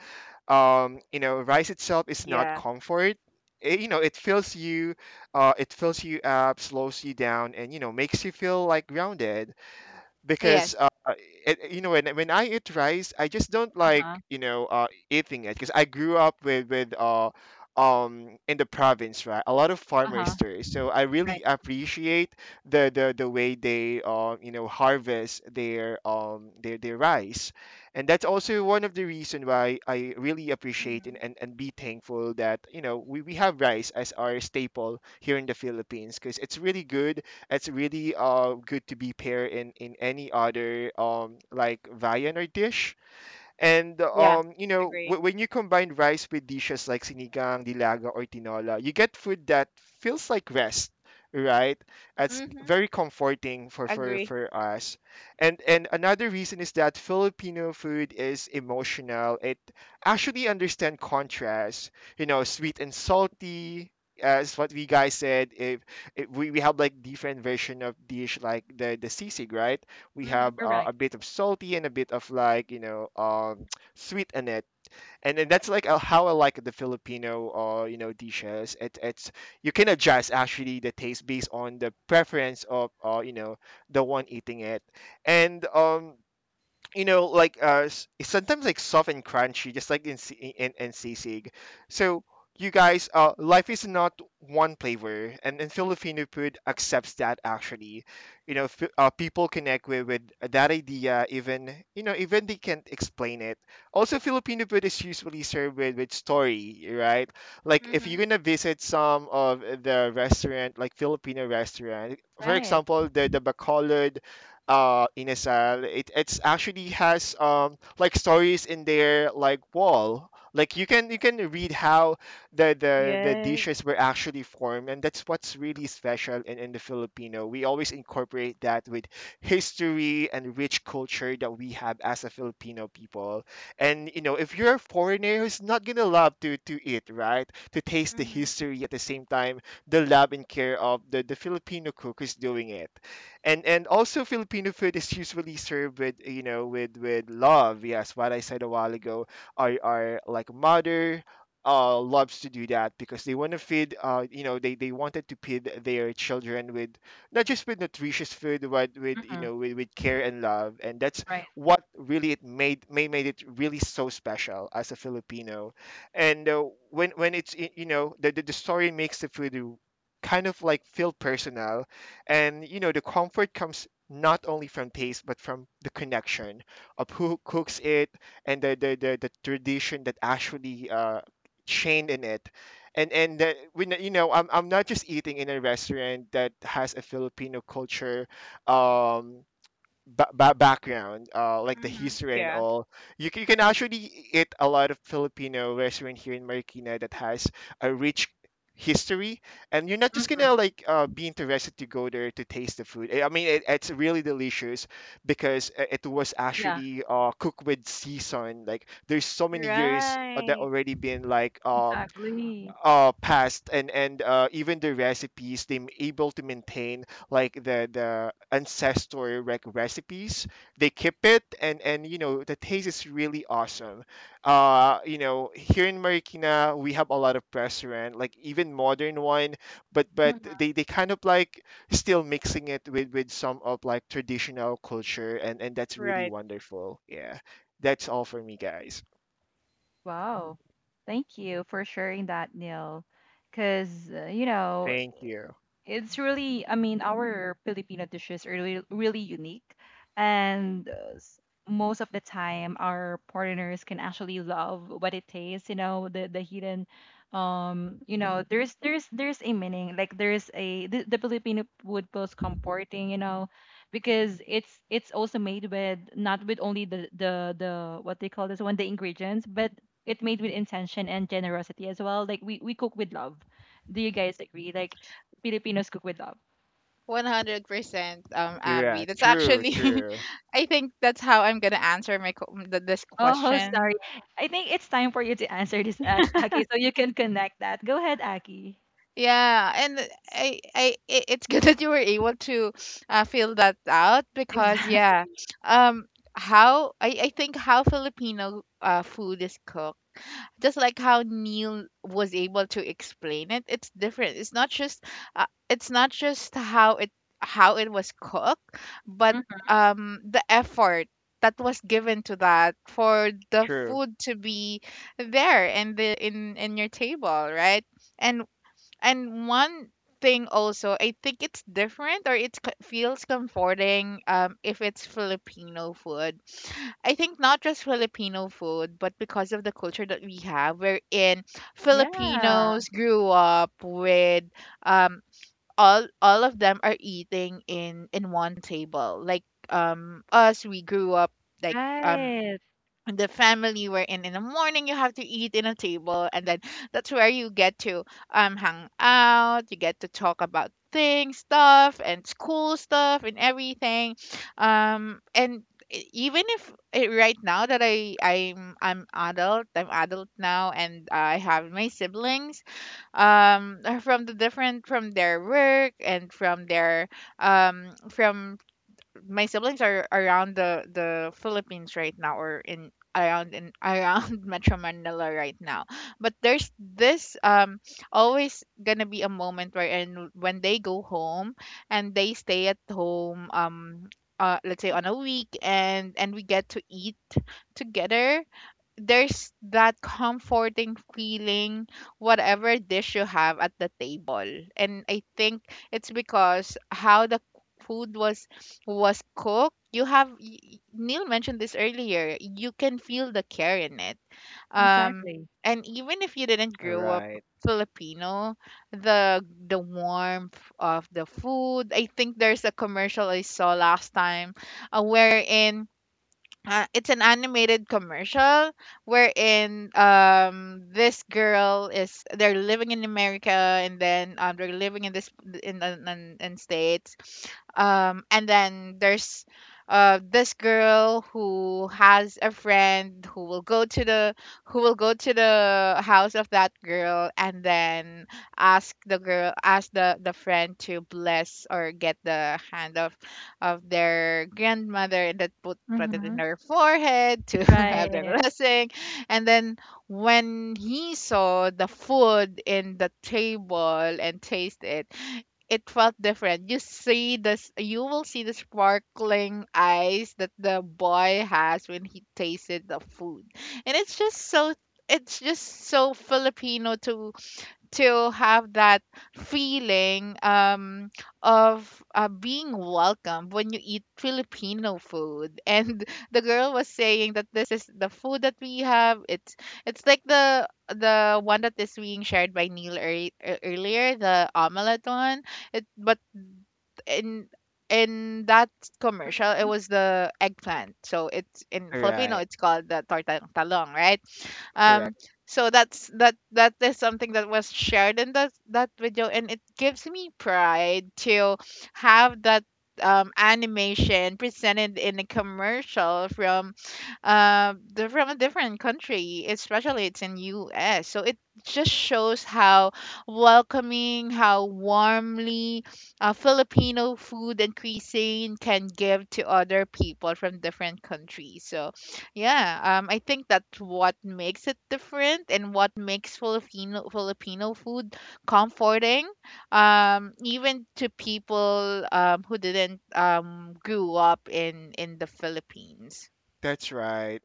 C: You know, rice itself is not
B: Yeah.
C: comfort. It, you know, it fills you up, slows you down, and you know, makes you feel like grounded because
B: Yes.
C: it, you know when I eat rice, I just don't
A: Uh huh.
C: like you know eating it because I grew up with in the province right a lot of
A: Uh huh.
C: farmers there so I
A: Right.
C: really appreciate the the way they you know harvest their their rice and that's also one of the reason why I really appreciate and,
B: Hmm.
C: and, and be thankful that you know we have rice as our staple here in the Philippines because it's really good to be paired in any other like viand or dish and
B: Yeah.
C: you know,
B: Agree.
C: when you combine rice with dishes like sinigang, dilaga, or tinola, you get food that feels like rest, right? That's
B: Hmm.
C: very comforting for for
B: Agree.
C: for us. And another reason is that Filipino food is emotional. It actually understand contrast. You know, sweet and salty. As what we guys said, if, if we have like different version of dish like the sisig, right? We have
B: Hmm.
A: Correct.
C: a bit of salty and a bit of like you know sweet in it and then that's like how I like the Filipino you know dishes it, it's you can adjust actually the taste based on the preference of you know the one eating it and you know, like sometimes like soft and crunchy, just like in in sisig. So you guys, life is not one flavor, and Filipino food accepts that actually. You know, people connect with that idea, even you know, even they can't explain it. Also, Filipino food is usually served with story, right? Like if
B: Hmm.
C: you're gonna visit some of the restaurant, like Filipino restaurant, for
A: Right.
C: example, the Bacolod in a cell. It it's actually has like stories in their like wall. Like you can read how the
B: Yes.
C: dishes were actually formed, and that's what's really special in the Filipino. We always incorporate that with history and rich culture that we have as a Filipino people. And you know, if you're a foreigner who's not gonna love to eat, right? To taste the
B: Hmm.
C: history at the same time, the love and care of the Filipino cook who's doing it and also Filipino food is usually served with you know with love. Yes, what I said a while ago. Our like mother loves to do that because they want to feed you know they wanted to feed their children with not just with nutritious food but with you
A: Mm-hmm.
C: know with care and love and that's
A: Right.
C: what really it made made it really so special as a Filipino and when it's you know the story makes the food kind of like feel personal and you know, the comfort comes not only from taste but from the connection of who cooks it and the tradition that actually chained in it. And when you know, I'm not just eating in a restaurant that has a Filipino culture. Um Background, like the
B: Hmm.
C: history and
B: Yeah.
C: all, you can actually eat a lot of Filipino restaurant here in Marikina that has a rich history, and you're not just
A: Mm-hmm.
C: gonna like be interested to go there to taste the food. I mean, it, it's really delicious because it was
A: Yeah.
C: actually cooked with season. Like, there's so many years that
B: Right.
C: already been like
A: Exactly.
C: past and even the recipes they able to maintain like the ancestor recipes they keep it and you know the taste is really awesome you know here in Marikina we have a lot of restaurant like even modern wine but they kind of like still mixing it with some of like traditional culture and that's really
B: Right.
C: wonderful yeah that's all for me guys
A: Wow. Thank you for sharing that, Neil. Because, you know,
C: thank you
A: it's really I mean our filipino dishes are really, really unique and most of the time our partners can actually love what it tastes you know the hidden you know there's a meaning like there's a the filipino food feels comforting you know because it's also made with not with only the what they call this one the ingredients but it made with intention and generosity as well like we cook with love do you guys agree like Filipinos cook with love.
B: 100%
C: yeah
B: Abby. That's actually I think that's how I'm going to answer this
A: Oh,
B: question.
A: sorry. I think it's time for you to answer this, Aki, so you can connect that. Go ahead, Aki.
B: Yeah, and it's good that you were able to feel that out because
A: Exactly.
B: yeah. Um how I think how Filipino food is cooked just like how Neil was able to explain it, it's different. It's not just how it was cooked, but
A: Mhm.
B: the effort that was given to that for the
C: true.
B: food to be there in the in your table, right? And and one thing also, I think it's different or it feels comforting if it's Filipino food. I think not just Filipino food, but because of the culture that we have, wherein
A: Yeah.
B: Filipinos grew up with um all of them are eating in one table. Like us, we grew up like
A: Right.
B: the family we're in the morning you have to eat in a table and then that's where you get to hang out, you get to talk about things stuff and school stuff and everything and e- even if eh, right now that I'm adult now, and I have my siblings are from the different from their work and from their from my siblings are around the Philippines right now or in around Metro Manila right now. But there's this always gonna be a moment where and when they go home and they stay at home let's say on a week, and we get to eat together. There's that comforting feeling whatever dish you have at the table, and I think it's because how the food was cooked. You have y- y- Neil mentioned this earlier, you can feel the care in it um
A: Exactly.
B: and even if you didn't grow up
C: Right,
B: Filipino, the the warmth of the food. I think there's a commercial I saw last time wherein it's an animated commercial wherein this girl is they're living in America, and then they're living in this in states and then there's this girl who has a friend who will go to the house of that girl, and then ask the friend to bless or get the hand of their grandmother, that put it in
A: Hmm.
B: her forehead to have their
A: Right.
B: blessing. And then when he saw the food in the table and taste it, it felt different. You will see the sparkling eyes that the boy has when he tasted the food. And it's just so Filipino to have that feeling of being welcome when you eat Filipino food. And the girl was saying that this is the food that we have. It's like the one that is being shared by Neil earlier, the omelette one. It but in in that commercial it was the eggplant. So it's, in Filipino,
C: right,
B: it's called the tortang talong, right? Um
C: correct.
B: so that is something that was shared in that video, and it gives me pride to have that animation presented in a commercial from from a different country, especially it's in US. So it just shows how welcoming, how warmly Filipino food and cuisine can give to other people from different countries. So, yeah, I think that's what makes it different and what makes Filipino food comforting, even to people who didn't grew up in the Philippines.
C: That's right.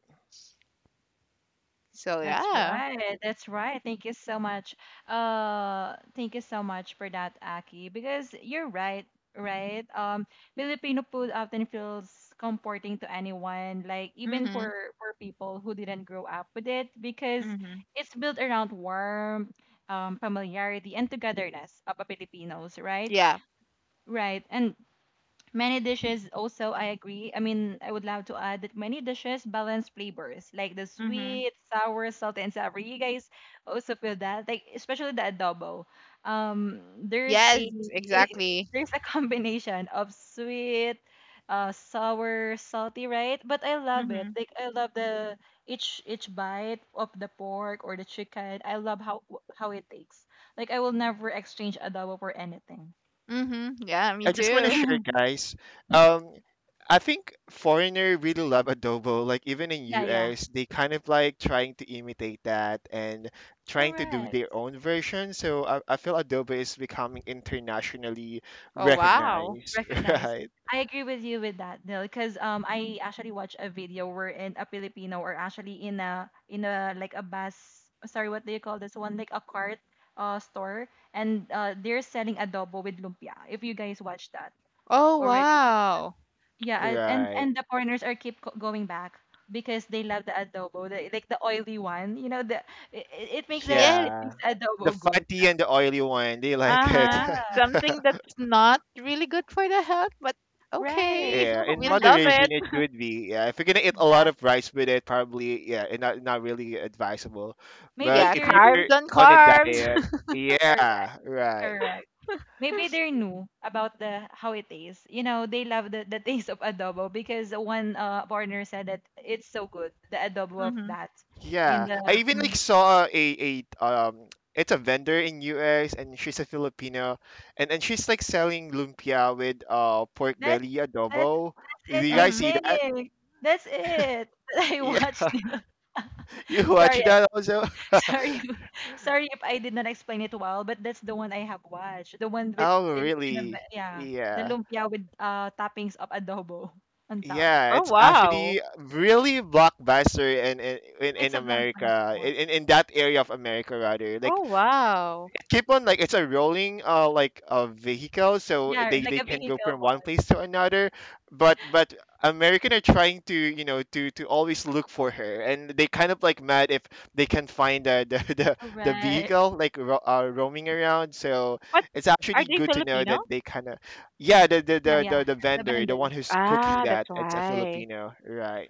B: So
A: That's
B: yeah,
A: right. That's right. Thank you so much. Thank you so much for that, Aki, because you're right, right? Filipino food often feels comforting to anyone, like even
B: mm-hmm,
A: for people who didn't grow up with it, because
B: mm-hmm,
A: it's built around warmth, familiarity, and togetherness of a Filipinos, right?
B: yeah,
A: Right. And many dishes also, I agree. I mean, I would love to add that many dishes balance flavors, like the
B: mm-hmm,
A: sweet, sour, salty, and savory. You guys also feel that, like especially the adobo. There's
B: yes,
A: a
B: exactly,
A: there's a combination of sweet, sour, salty, right? But I love it.
B: mm-hmm,
A: Like I love the each bite of the pork or the chicken. I love how it tastes. Like I will never exchange adobo for anything.
B: mm-hmm, yeah, me
C: I just want to
B: too.
C: share, guys. Um, I think foreigner really love adobo. Like even in
A: yeah, yeah,
C: US, they kind of like trying to imitate that and trying to do
A: correct.
C: their own version. So I feel adobo is becoming internationally
B: Oh wow.
C: recognized.
A: Recognize.
C: Right,
A: I agree with you with that, Dil, because I actually watched a video wherein a Filipino or actually in a like a bus oh, sorry, what do you call this one? Like a cart store and they're selling adobo with lumpia. If you guys watch that
B: Oh,
A: already watched.
B: wow.
A: Yeah, I- and
C: right.
A: and the foreigners are keep going back because they love the adobo, the, like the oily one. You know, the it makes
B: Yes,
A: it
C: Yeah,
A: makes the
C: the
A: adobo good.
C: fatty and the oily one, they like it.
B: uh-huh.
A: Yeah,
B: Something that's not really good for the health, but
A: right.
B: okay,
C: Yeah, in
B: we
A: But
B: love it.
C: moderation
A: actually,
C: it could be. Yeah, if you're gonna eat a lot of
A: exactly.
C: rice with it, probably yeah, it not really advisable. But
A: Maybe
B: Yeah,
C: if
A: they're
C: you're
B: carbs on
C: on a
B: carbs.
C: diet,
A: correct.
C: yeah, right,
A: Correct. Maybe they're new about the how it tastes. You know, they love the taste of adobo because one partner said that it's so good, the adobo of
B: Mhm.
A: that. In
C: yeah. I
A: the
C: even like
A: Mhm.
C: saw a it's a vendor in US and she's a Filipino, and she's like selling lumpia with pork
A: that
C: belly
A: that's
C: adobo. Do
A: it,
C: you
A: I
C: guys
B: Mhm.
C: see that?
A: think. That's it. I
C: Yeah,
A: watched.
C: you
A: Sorry,
C: watch
A: I-
C: that also?
A: sorry, sorry if I did not explain it well, but that's the one I have watched. The one with
C: Oh,
A: it in a
C: really?
A: yeah, the
C: Yeah.
A: lumpia with toppings of adobo on top.
C: Yeah,
B: Oh
C: it's
B: wow.
C: actually really blockbuster in
A: It's
C: in
A: a blockbuster
C: America,
A: one.
C: in, that area of America rather. Like
B: Oh wow.
C: keep on like it's a rolling like a vehicle so
A: Yeah, like
C: they
A: a
C: can go
A: vehicle
C: from one
A: one.
C: place to another but American are trying to you know to always look for her and they kind of like mad if they can find the the
A: Correct.
C: vehicle like roaming around so
B: What
C: it's
B: are
C: actually
B: they
C: good to know
B: Filipino?
C: that they kind of yeah
A: Yeah, yeah,
C: the
A: yeah. The
C: vendor the one
A: vendor.
C: who's cooking
B: Ah, that's
C: that it's a
B: why.
C: Filipino right.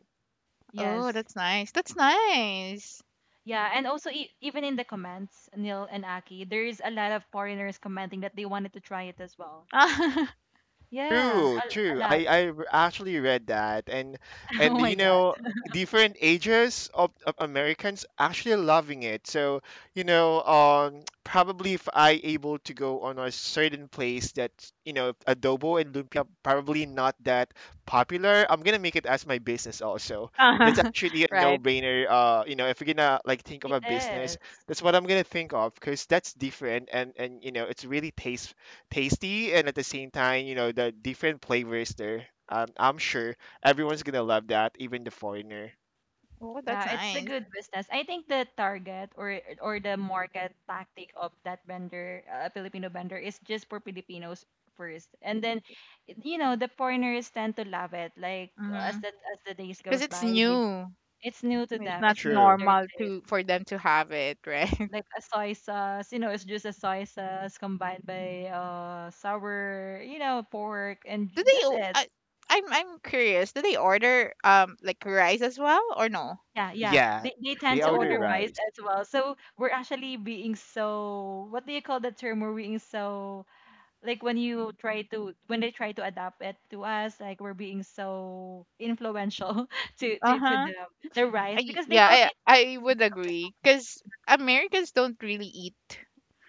B: Oh,
A: Yes.
B: that's nice. That's nice.
A: Yeah, and also e even in the comments, Neil and Aki, there is a lot of foreigners commenting that they wanted to try it as well. Yeah,
C: True,
A: a
C: true.
A: lot.
C: Actually read that,
A: Oh
C: and
A: my
C: you
A: God,
C: know, different ages of Americans actually loving it. So you know, probably if I able to go on a certain place that you know adobo and lumpia probably not that popular, I'm gonna make it as my business also. That's
B: Uh-huh.
C: actually a no
B: Right.
C: brainer. You know, if you're gonna like think of
A: it
C: a business,
A: is.
C: that's what I'm gonna think of because that's different and you know it's really taste tasty and at the same time, you know, the different flavors there. I'm sure everyone's gonna love that, even the foreigner.
B: Oh, that's
A: Yeah, it's a
B: nice.
A: good business. I think the target or the market tactic of that vendor, a Filipino vendor, is just for Filipinos first, and then you know the foreigners tend to love it. Like as
B: Mhm.
A: the days
B: Because
A: goes
B: it's
A: by, they
B: new.
A: it's new to
B: It's
A: them.
B: not
A: It's new to
C: True.
A: their
B: normal
A: taste.
B: to for them to have it, right?
A: Like a soy sauce, you know, it's just a soy sauce combined by sour, you know, pork and
B: Do they
A: just
B: o-
A: it.
B: I I'm curious. Do they order like rice as well or no?
A: Yeah, yeah.
C: Yeah,
A: They tend
C: they
A: to
C: order
A: order
B: Oh,
A: rice
C: rice.
A: as well. So we're actually being so what do you call the term? We're being so like when you try to when they try to adapt it to us, like we're being so influential to
B: uh-huh.
A: the rice because they don't
B: Yeah,
A: eat.
B: I would
A: Of the
B: agree because Americans don't really eat.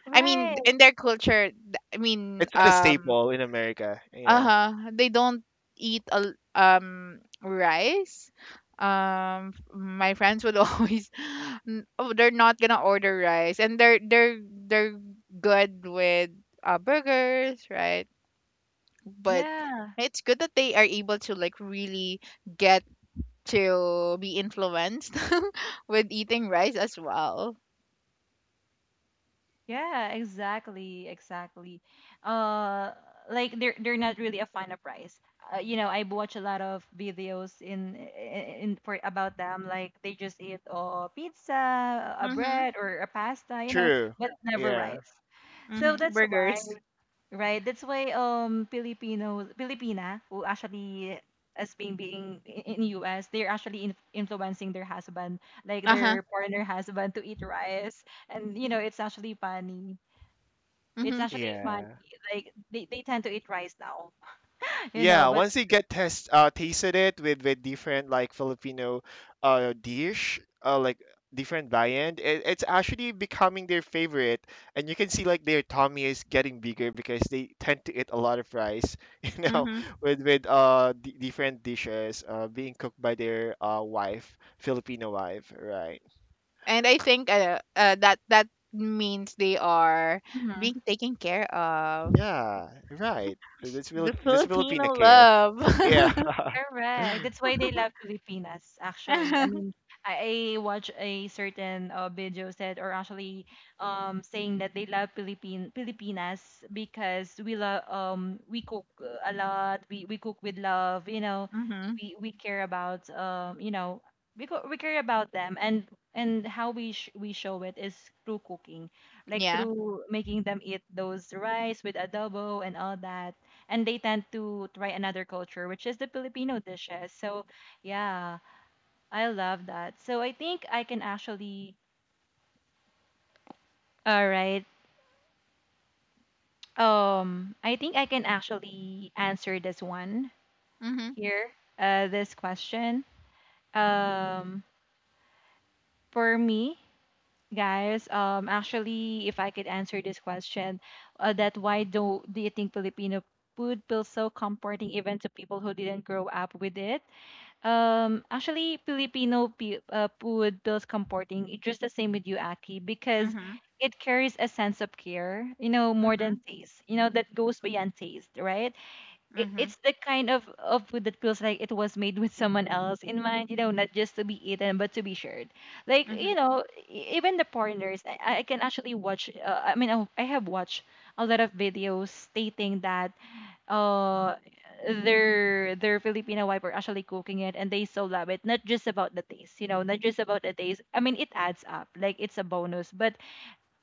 A: time.
B: I mean,
A: Right.
B: in their culture,
C: It's not a staple in America. Yeah.
B: uh-huh, they don't eat rice. My friends would always, oh, they're not gonna order rice, and they're good with burgers, right? But
A: Yeah.
B: it's good that they are able to like really get to be influenced with eating rice as well.
A: Yeah, exactly, exactly. Uh, like they're not really a fan of rice. You know, I watch a lot of videos in for about them. Like they just eat a pizza, a
B: Mhm.
A: bread, or a pasta. You know,
C: True.
A: but never
C: Yeah.
A: rice. So
B: Mhm.
A: that's why,
B: Burgers.
A: right? That's why Filipino Filipina who actually as being in US, they're actually influencing their husband, like
B: Uh-huh.
A: their partner husband, to eat rice and you know it's actually funny it's
B: Mhm.
A: actually funny.
C: Yeah.
A: Like they tend to eat rice now, you know,
C: Yeah,
A: but
C: once you get test tasted it with different like Filipino dish like different variant, it, it's actually becoming their favorite, and you can see like their tummy is getting bigger because they tend to eat a lot of rice, you know,
B: Mhm.
C: with d different dishes being cooked by their wife, Filipino wife, right?
B: And I think that means they are
A: Mhm.
B: being taken care of.
C: Yeah, right. That's
B: The
C: Filip that's Filipino
B: Filipino
C: care.
B: love.
C: Yeah.
A: Correct. That's why they love Filipinas, actually. I
B: Uh
A: mean, I watch a certain video said, or actually, saying that they love Philippine Filipinas because we love we cook a lot. We cook with love. You know,
B: mhm.
A: we care about you know we care about them and how we show it is through cooking, like
B: Yeah.
A: through making them eat those rice with adobo and all that, and they tend to try another culture, which is the Filipino dishes. So, yeah, I love that. So, I think I can actually, all right. I think I can actually answer this one
B: Mhm.
A: here, this question. Um, for me, guys, actually, if I could answer this question, that why do you think Filipino food feels so comforting even to people who didn't grow up with it? Actually, Filipino food feels comforting. It's just the same with you, Aki, because
B: Mhm.
A: it carries a sense of care, you know, more than
B: Mhm.
A: taste, you know, that goes beyond taste, right? It,
B: Mhm.
A: it's the kind of food that feels like it was made with someone else in mind, you know, not just to be eaten, but to be shared. Like, you
B: Mhm.
A: know, even the foreigners, I can actually watch, I mean, I have watched a lot of videos stating that uh their Filipino wife are actually cooking it and they so love it. Not just about the taste, you know, not just about the taste. I mean it adds up. Like it's a bonus. But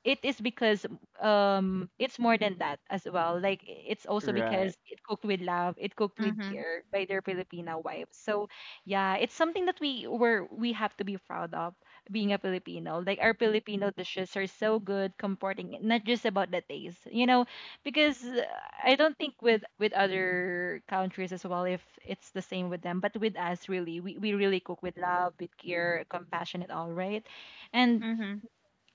A: it is because it's more than that as well, like it's also
C: Right.
A: because it cooked with love, it cooked with
B: Mhm.
A: care by their Filipina wives. So yeah, it's something that we have to be proud of being a Filipino, like our Filipino dishes are so good, comforting, not just about the taste, you know, because I don't think with other countries as well if it's the same with them, but with us really, we really cook with love, with care, compassion and all right. And
B: Mhm.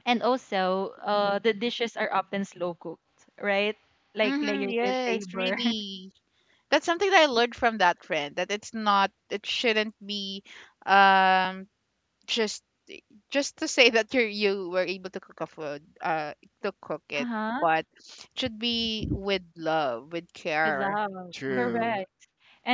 A: also, the dishes are often slow cooked, right? Like
B: Mhm.
A: layered with
B: Yes,
A: labor.
B: really. That's something that I learned from that friend, that it shouldn't be um just just to say that you were able to cook a food to cook it,
A: Uh-huh.
B: but it should be with love, with
A: With
B: care.
A: love.
B: Mhm.
C: True.
A: Correct.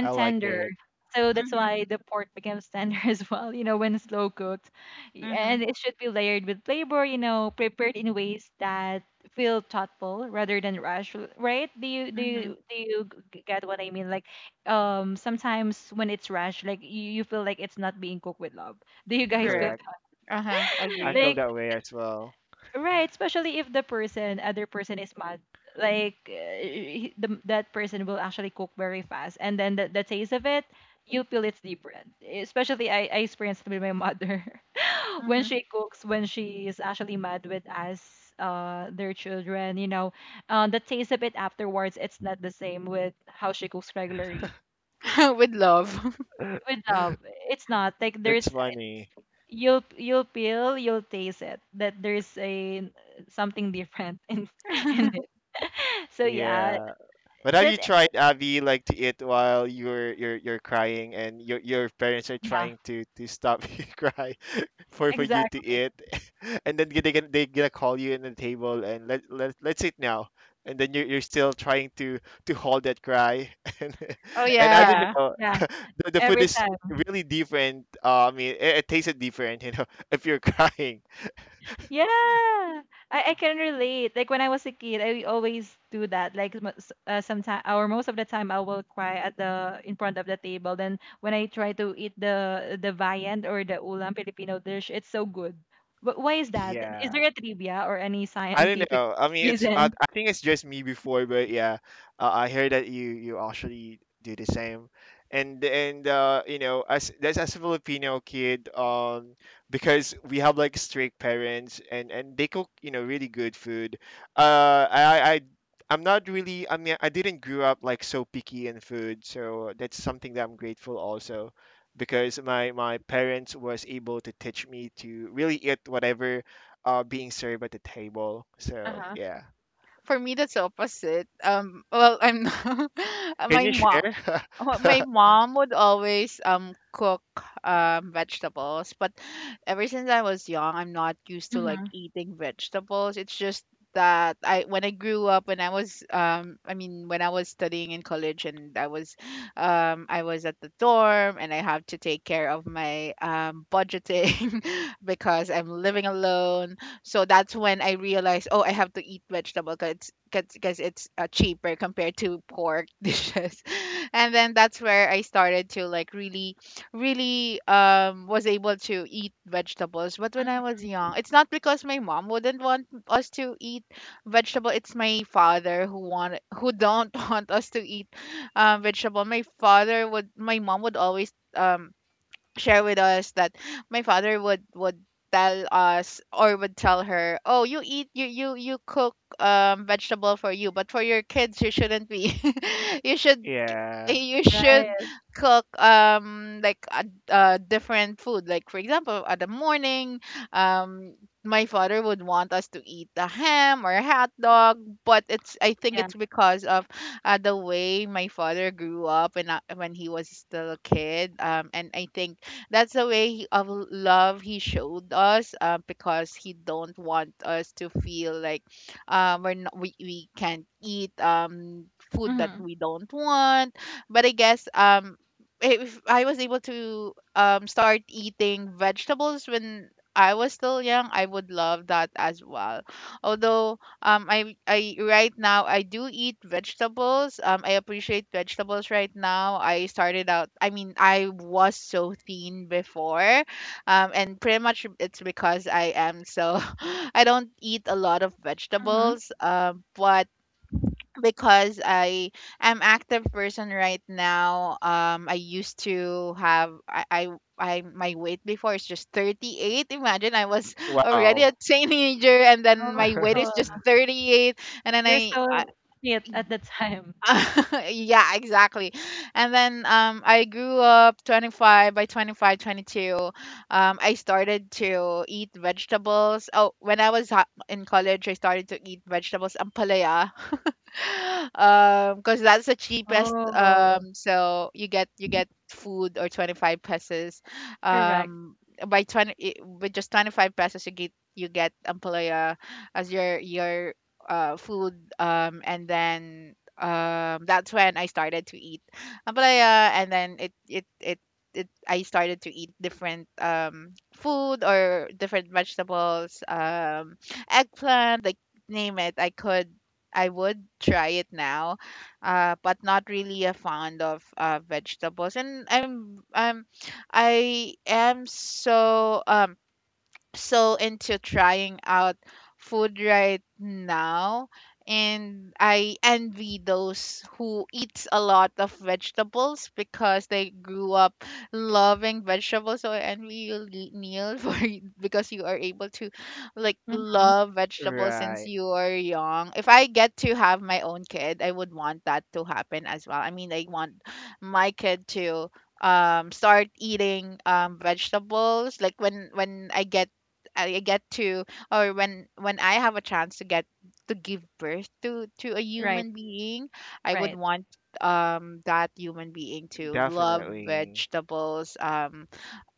C: I like
A: tender.
C: it.
A: So that's
B: Mhm.
A: why the pork becomes tender as well, you know, when slow cooked. And
B: Mhm.
A: it should be layered with labor, you know, prepared in ways that feel thoughtful rather than rush, right?
B: Mhm.
A: Do you get what I mean? Like, sometimes when it's rushed, like you feel like it's not being cooked with love. Do you guys feel
B: Correct.
A: that?
C: Correct.
B: Uh-huh.
C: I
B: Agree.
C: feel
A: like
C: that way as well.
A: right, especially if the person, other person is mad. Like the, that person will actually cook very fast, and then the taste of it, you feel it's different. Especially I experienced with my mother when
B: Mhm.
A: she cooks, when she is actually mad with us, their children. You know, the taste of it afterwards, it's not the same with how she cooks regularly.
B: With love.
A: With love, it's not like
C: It's
A: there's
C: funny.
A: you'll feel, you'll taste it that there's a something different in in it. so yeah,
C: Yeah. But have
A: that
C: you tried Abby like to eat while you're you're crying and your parents are
A: yeah,
C: trying to stop you cry for you to
A: exactly,
C: eat, and then they gonna call you in the table and let's eat now, and then you're still trying to hold that cry, and
B: Oh
C: and I
A: yeah,
C: don't
B: yeah.
C: know,
A: yeah,
C: the food
A: every
C: is
A: time,
C: really different. I mean, it tasted different, you know, if you're crying.
A: yeah. I can relate. Like when I was a kid, I always do that, like sometimes or most of the time I will cry at the in front of the table, then when I try to eat the viand or the ulam Filipino dish, it's so good. But why is that? Is
C: Yeah.
A: there a trivia or any
C: I don't
A: scientific
C: know. I mean, it's
A: reason?
C: I think it's just me before, but yeah, I heard that you actually do the same, and you know, as that's as a Filipino kid, because we have like strict parents, and they cook you know really good food. Uh, I I. I- I'm not really. I mean, I didn't grow up like so picky in food, so that's something that I'm grateful also, because my parents was able to teach me to really eat whatever being served at the table. So
A: Uh-huh.
C: yeah,
B: For me that's opposite. Well, I'm
C: can
B: my
C: you
B: mom
C: share?
B: Oh, my mom would always cook vegetables, but ever since I was young, I'm not used to like
A: Mhm.
B: eating vegetables. It's just that I when I grew up, when I mean when I was studying in college, and I was at the dorm and I have to take care of my budgeting because I'm living alone, so that's when I realized, oh, I have to eat vegetable because it's cheaper compared to pork dishes. And then that's where I started to like really really was able to eat vegetables. But when I
A: Mm,
B: was young, it's not because my mom wouldn't want us to eat vegetable. It's my father who don't want us to eat vegetable. My mom would always share with us that my father would tell us, or would tell her, oh, you cook vegetable for you, but for your kids you shouldn't be you should
C: Yeah.
B: you should
A: right.
B: cook like a different food. Like for example at the morning um my father would want us to eat a ham or a hot dog, but it's I think
A: Yeah.
B: it's because of the way my father grew up and when he was still a kid. And I think that's the way he- of love he showed us because he don't want us to feel like we're not, we can't eat food that
A: Mhm.
B: we don't want. But I guess if I was able to start eating vegetables when I was still young, I would love that as well. Although I right now I do eat vegetables. I appreciate vegetables right now. I started out I mean I was so thin before. And pretty much it's because I am so I don't eat a lot of
A: Mhm.
B: vegetables. But because I am active person right now. I used to have I My weight before is just 38. Imagine I was already a
C: Wow.
B: teenager and then my weight is
A: Oh,
B: just 38, and then
A: you're
B: I
A: so fit at the time.
B: yeah, exactly. And then I grew up 25 by 25 22. I started to eat vegetables. Oh, when I was in college I started to eat vegetables, ampalaya because that's the cheapest
A: Oh,
B: so you get food or 25 pesos
A: correct.
B: um by 20 with just 25 pesos you get ampalaya as your food and then that's when I started to eat ampalaya, and then I started to eat different food, or different vegetables, eggplant, like name it. I would try it now, but not really a fond of vegetables. And I am so so into trying out food right now, and I envy those who eats a lot of vegetables because they grew up loving vegetables, so I envy you Neil because you are able to like
A: Mhm.
B: love vegetables since
C: Right.
B: you are young. If I get to have my own kid I would want that to happen as well. I mean I want my kid to start eating vegetables, like when I get I get to, or when I have a chance to get to give birth to a
A: Right.
B: human being, I would
A: Right.
B: want that human being to love
C: Definitely.
B: vegetables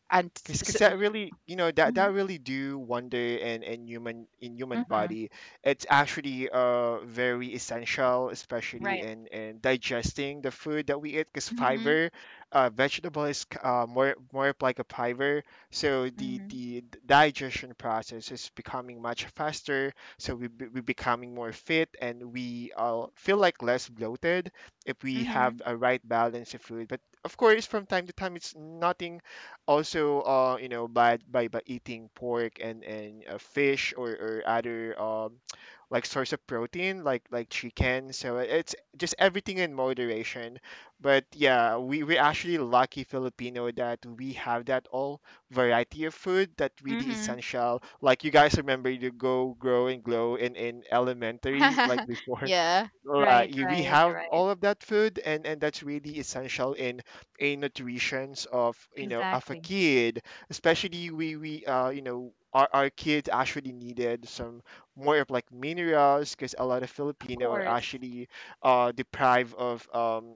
B: and s-
C: Because that really
B: mhm
C: do wonder in human
A: Mhm.
C: body. It's actually very essential, especially
A: Right.
C: in digesting the food that we eat, because
B: mhm
C: fiber, vegetable is more of like a fiber, so the
B: mhm
C: the digestion process is becoming much faster, so we becoming more fit, and we feel like less bloated if we have
B: mhm
C: a right balance of food. But of course, from time to time it's nothing also by by eating pork, and fish, or other like source of protein, like chicken. So it's just everything in moderation. But yeah, we're actually lucky Filipino that we have that all variety of food that really
B: mhm
C: essential, like you guys remember to go, grow, and glow in elementary, like before,
B: yeah
C: like
A: Right.
C: we
A: Right.
C: have
A: Right.
C: all of that food, and that's really essential in a nutritions of you know of a
A: Exactly.
C: kid, especially we our kids actually needed some more of like minerals, because a lot of
A: Of
C: Filipino are
A: course.
C: actually deprived of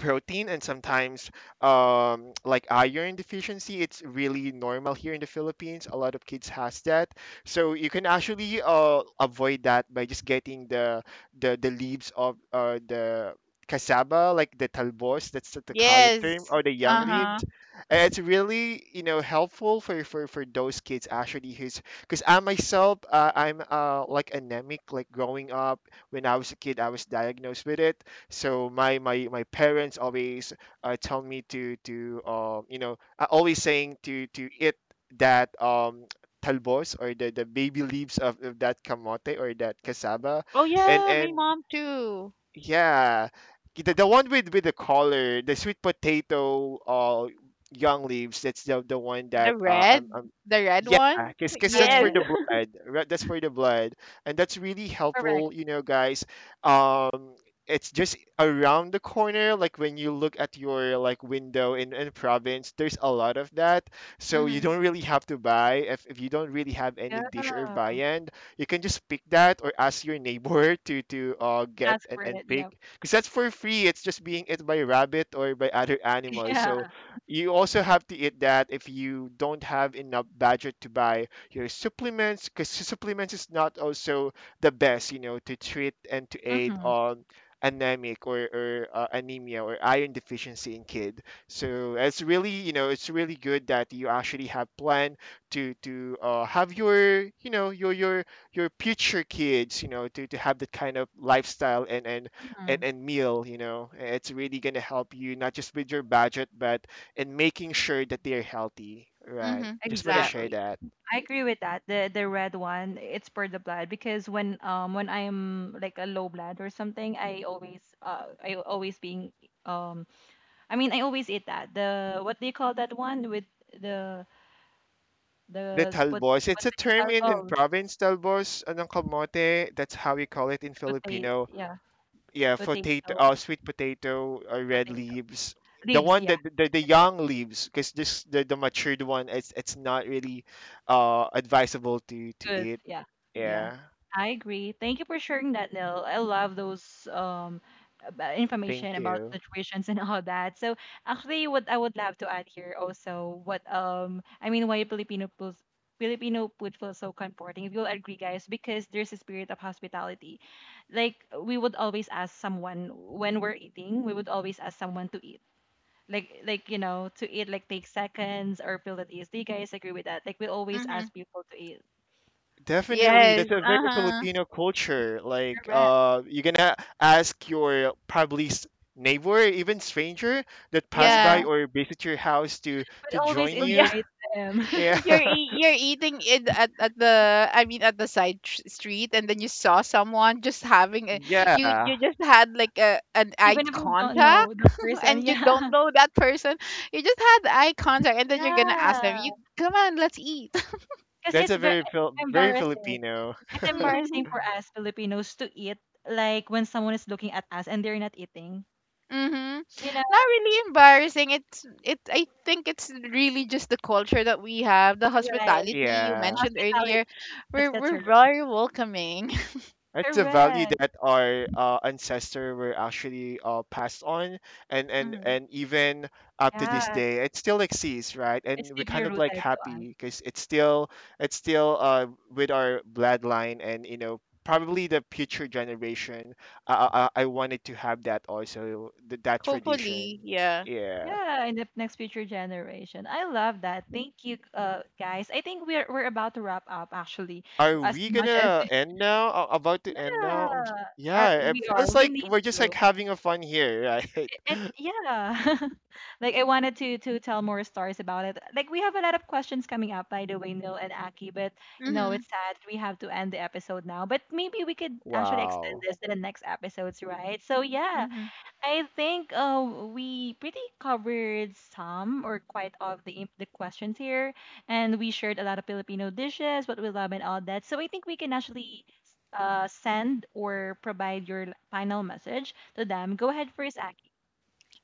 C: protein, and sometimes like iron deficiency, it's really normal here in the Philippines. A lot of kids has that, so you can actually avoid that by just getting the leaves of the cassava, like the talbos, that's the Tagalog term,
B: yes
C: or the young
A: Mhm.
B: uh-huh
C: leaves, and it's really helpful for those kids actually who's, because I'm like anemic, like growing up when I was a kid, I was diagnosed with it. So my parents always tell me to you know I always saying to eat that talbos, or the baby leaves of that kamote or that cassava,
B: oh
C: and
B: yeah my
C: and
B: mom too
C: yeah, the one with the collar, the sweet potato, young leaves, that's the one
B: the
C: that,
B: red
C: I'm
B: the red
C: yeah,
B: one
C: because that's
B: yes
C: for
A: Right.
C: the blood. Right? That's for the blood, and that's really
A: Correct.
C: helpful, you know, guys. Um, it's just around the corner. Like when you look at your like window in province, there's a lot of that. So you
B: mhm
C: don't really have to buy if you don't really have
A: Yeah.
C: any dish or viand. You can just pick that or ask your neighbor to get
A: Ask
C: and
A: for
C: and
A: it. Yep.
C: pick, because that's for free. It's just being eaten by rabbit or by other animals.
A: Yeah.
C: So you also have to eat that if you don't have enough budget to buy your supplements, because supplements is not also the best, to treat and to aid
A: Mhm.
C: on anemic or anemia, or iron deficiency in kid. So it's really good that you actually have plan to have your future kids, to have that kind of lifestyle and and and,
A: Mhm.
C: and meal, it's really going to help you, not just with your budget, but and making sure that they're healthy, right?
B: mhm
C: Just want to
B: yeah
C: share
A: Exactly.
C: that.
A: I agree with that. The red one, it's for the blood, because when I'm like a low blood or something, I always being um I mean I always eat that. The what do you call that one with the
C: The
A: spot,
C: talbos,
A: what
C: it's a term
A: they
C: in
A: call, oh,
C: province, talbos, anong kamote, that's how we call it in
A: potato,
C: Filipino.
A: yeah,
C: Yeah, potato,
A: potato,
C: sweet potato, red
A: potato.
C: leaves. The
A: Ribs,
C: one
A: yeah.
C: that the
A: Exactly.
C: young leaves, because this the matured one, it's not really advisable to
A: Good.
C: eat.
A: Yeah. Yeah.
C: Yeah,
A: I agree. Thank you for sharing that, Nil. I love those information
C: thank
A: about
C: you.
A: situations and all that. So actually, what I would love to add here also, what I mean, why Filipino food feels so comforting. If you'll agree, guys, because there's a spirit of hospitality. Like we would always ask someone when we're eating, we would always ask someone to eat. Like you know, to eat, like take seconds or feel at ease. Do you guys agree with that? Like we always ask
B: mhm
A: people to eat. The
C: Definitely,
B: yes
C: that's a very
B: uh-huh
C: Filipino culture. Like,
A: correct.
C: you're gonna ask your probably neighbor, even stranger that pass
B: yeah.
C: by
A: Yeah.
C: or visit your house to
A: But
C: to
A: always
C: join
B: Oh,
C: you.
B: yeah.
A: invite them.
C: Yeah,
B: You're eating in at the, I mean at the side street, and then you saw someone, just having a you
C: yeah,
B: you just had like a an eye
A: Even if you don't know
B: contact,
A: the person.
B: and you
A: Yeah.
B: don't know that person, you just had eye contact, and then you're gonna ask them,
A: Yeah.
B: you come on, let's eat
A: Because
C: that's
A: it's
C: a
A: very
C: very
A: embarrassing.
C: Filipino.
A: It's embarrassing for us Filipinos to eat like when someone is looking at us and they're not eating.
B: mm-hmm.
A: You know,
B: Not really embarrassing, it's it I think it's really just the culture that we have, the
A: right.
B: hospitality you
C: Yeah.
B: mentioned
A: Hospitality.
B: earlier,
A: That's
B: we're
A: the
B: we're
A: term.
B: very welcoming
C: It's a value
A: Correct.
C: that our ancestor were actually passed on, and and
B: hmm.
C: and even up to this
A: Yeah.
C: day, it still exists, right?
A: It's
C: And we're
A: deeply
C: kind of
A: rooted
C: like
A: to us.
C: happy because it's still with our bloodline, and probably the future generation. I wanted to have that also, that tradition.
B: Hopefully. Yeah.
C: Yeah.
A: Yeah, in the next future generation. I love that. Thank you, guys. I think we're about to wrap up actually,
C: Are
A: as
C: we
A: much as
C: gonna end now? About to end
A: yeah,
C: now? Yeah, it
A: are.
C: feels
A: We
C: like
A: need
C: we're just
A: to.
C: like having a fun here, right?
A: It yeah. Like I wanted to tell more stories about it. Like we have a lot of questions coming up by the way, Neil and Aki, but you know,
B: Mm-hmm.
A: it's sad we have to end the episode now. But maybe we could actually extend
C: Wow.
A: this to the next episodes, right? So yeah.
B: Mm-hmm.
A: I think we pretty covered some or quite of the the questions here, and we shared a lot of Filipino dishes, what we love, and all that. So I think we can actually send or provide your final message to them. Go ahead first, Aki.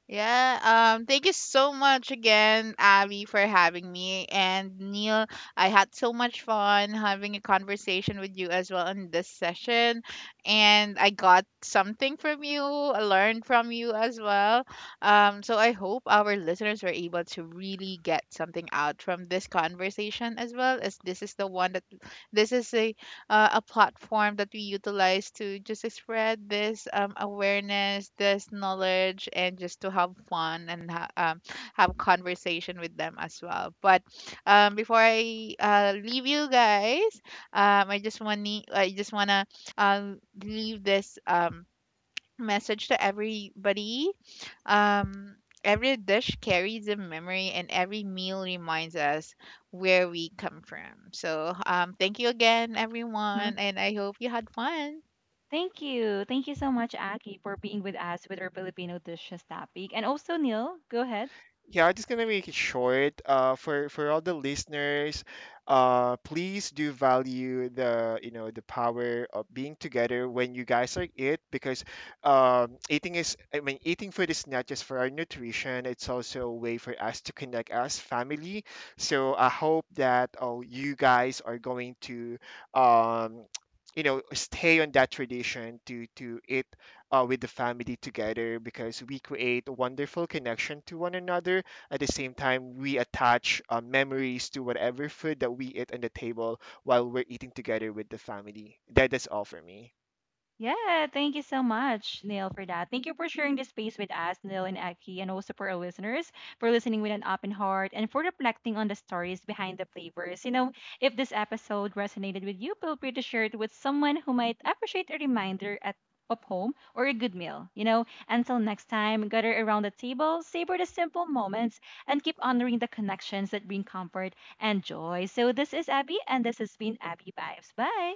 B: Yeah, thank you so much again, Abby, for having me. And Neil, I had so much fun having a conversation with you as well in this session. And I got something from you, I learned from you as well. So I hope our listeners were able to really get something out from this conversation as well, as this is the one that this is a platform that we utilize to just spread this awareness, this knowledge, and just to have fun and have conversation with them as well. But before I leave you guys, um, I just want I just wanna uh, leave this message to everybody um, every dish carries a memory, and every meal reminds us where we come from. So, thank you again,
A: Hmm.
B: everyone, and I hope you had fun.
A: Thank you so much, Aki, for being with us with our Filipino dishes topic, and also Neil. Go ahead.
C: Yeah, I'm just gonna make it short. For all the listeners, please do value the you know the power of being together when you guys are eat, because eating is I mean, eating food is not just for our nutrition. It's also a way for us to connect as family. So I hope that, oh, you guys are going to um, stay on that tradition to eat, with the family together, because we create a wonderful connection to one another. At the same time, we attach memories to whatever food that we eat on the table while we're eating together with the family. That is all for me.
A: Yeah, thank you so much, Neil, for that. Thank you for sharing this space with us, Neil and Aki, and also for our listeners for listening with an open heart and for reflecting on the stories behind the flavors. You know, if this episode resonated with you, feel free to share it with someone who might appreciate a reminder at of home or a good meal. You know, until next time, gather around the table, savor the simple moments, and keep honoring the connections that bring comfort and joy. So this is Abby, and this has been Abby Vibes. Bye.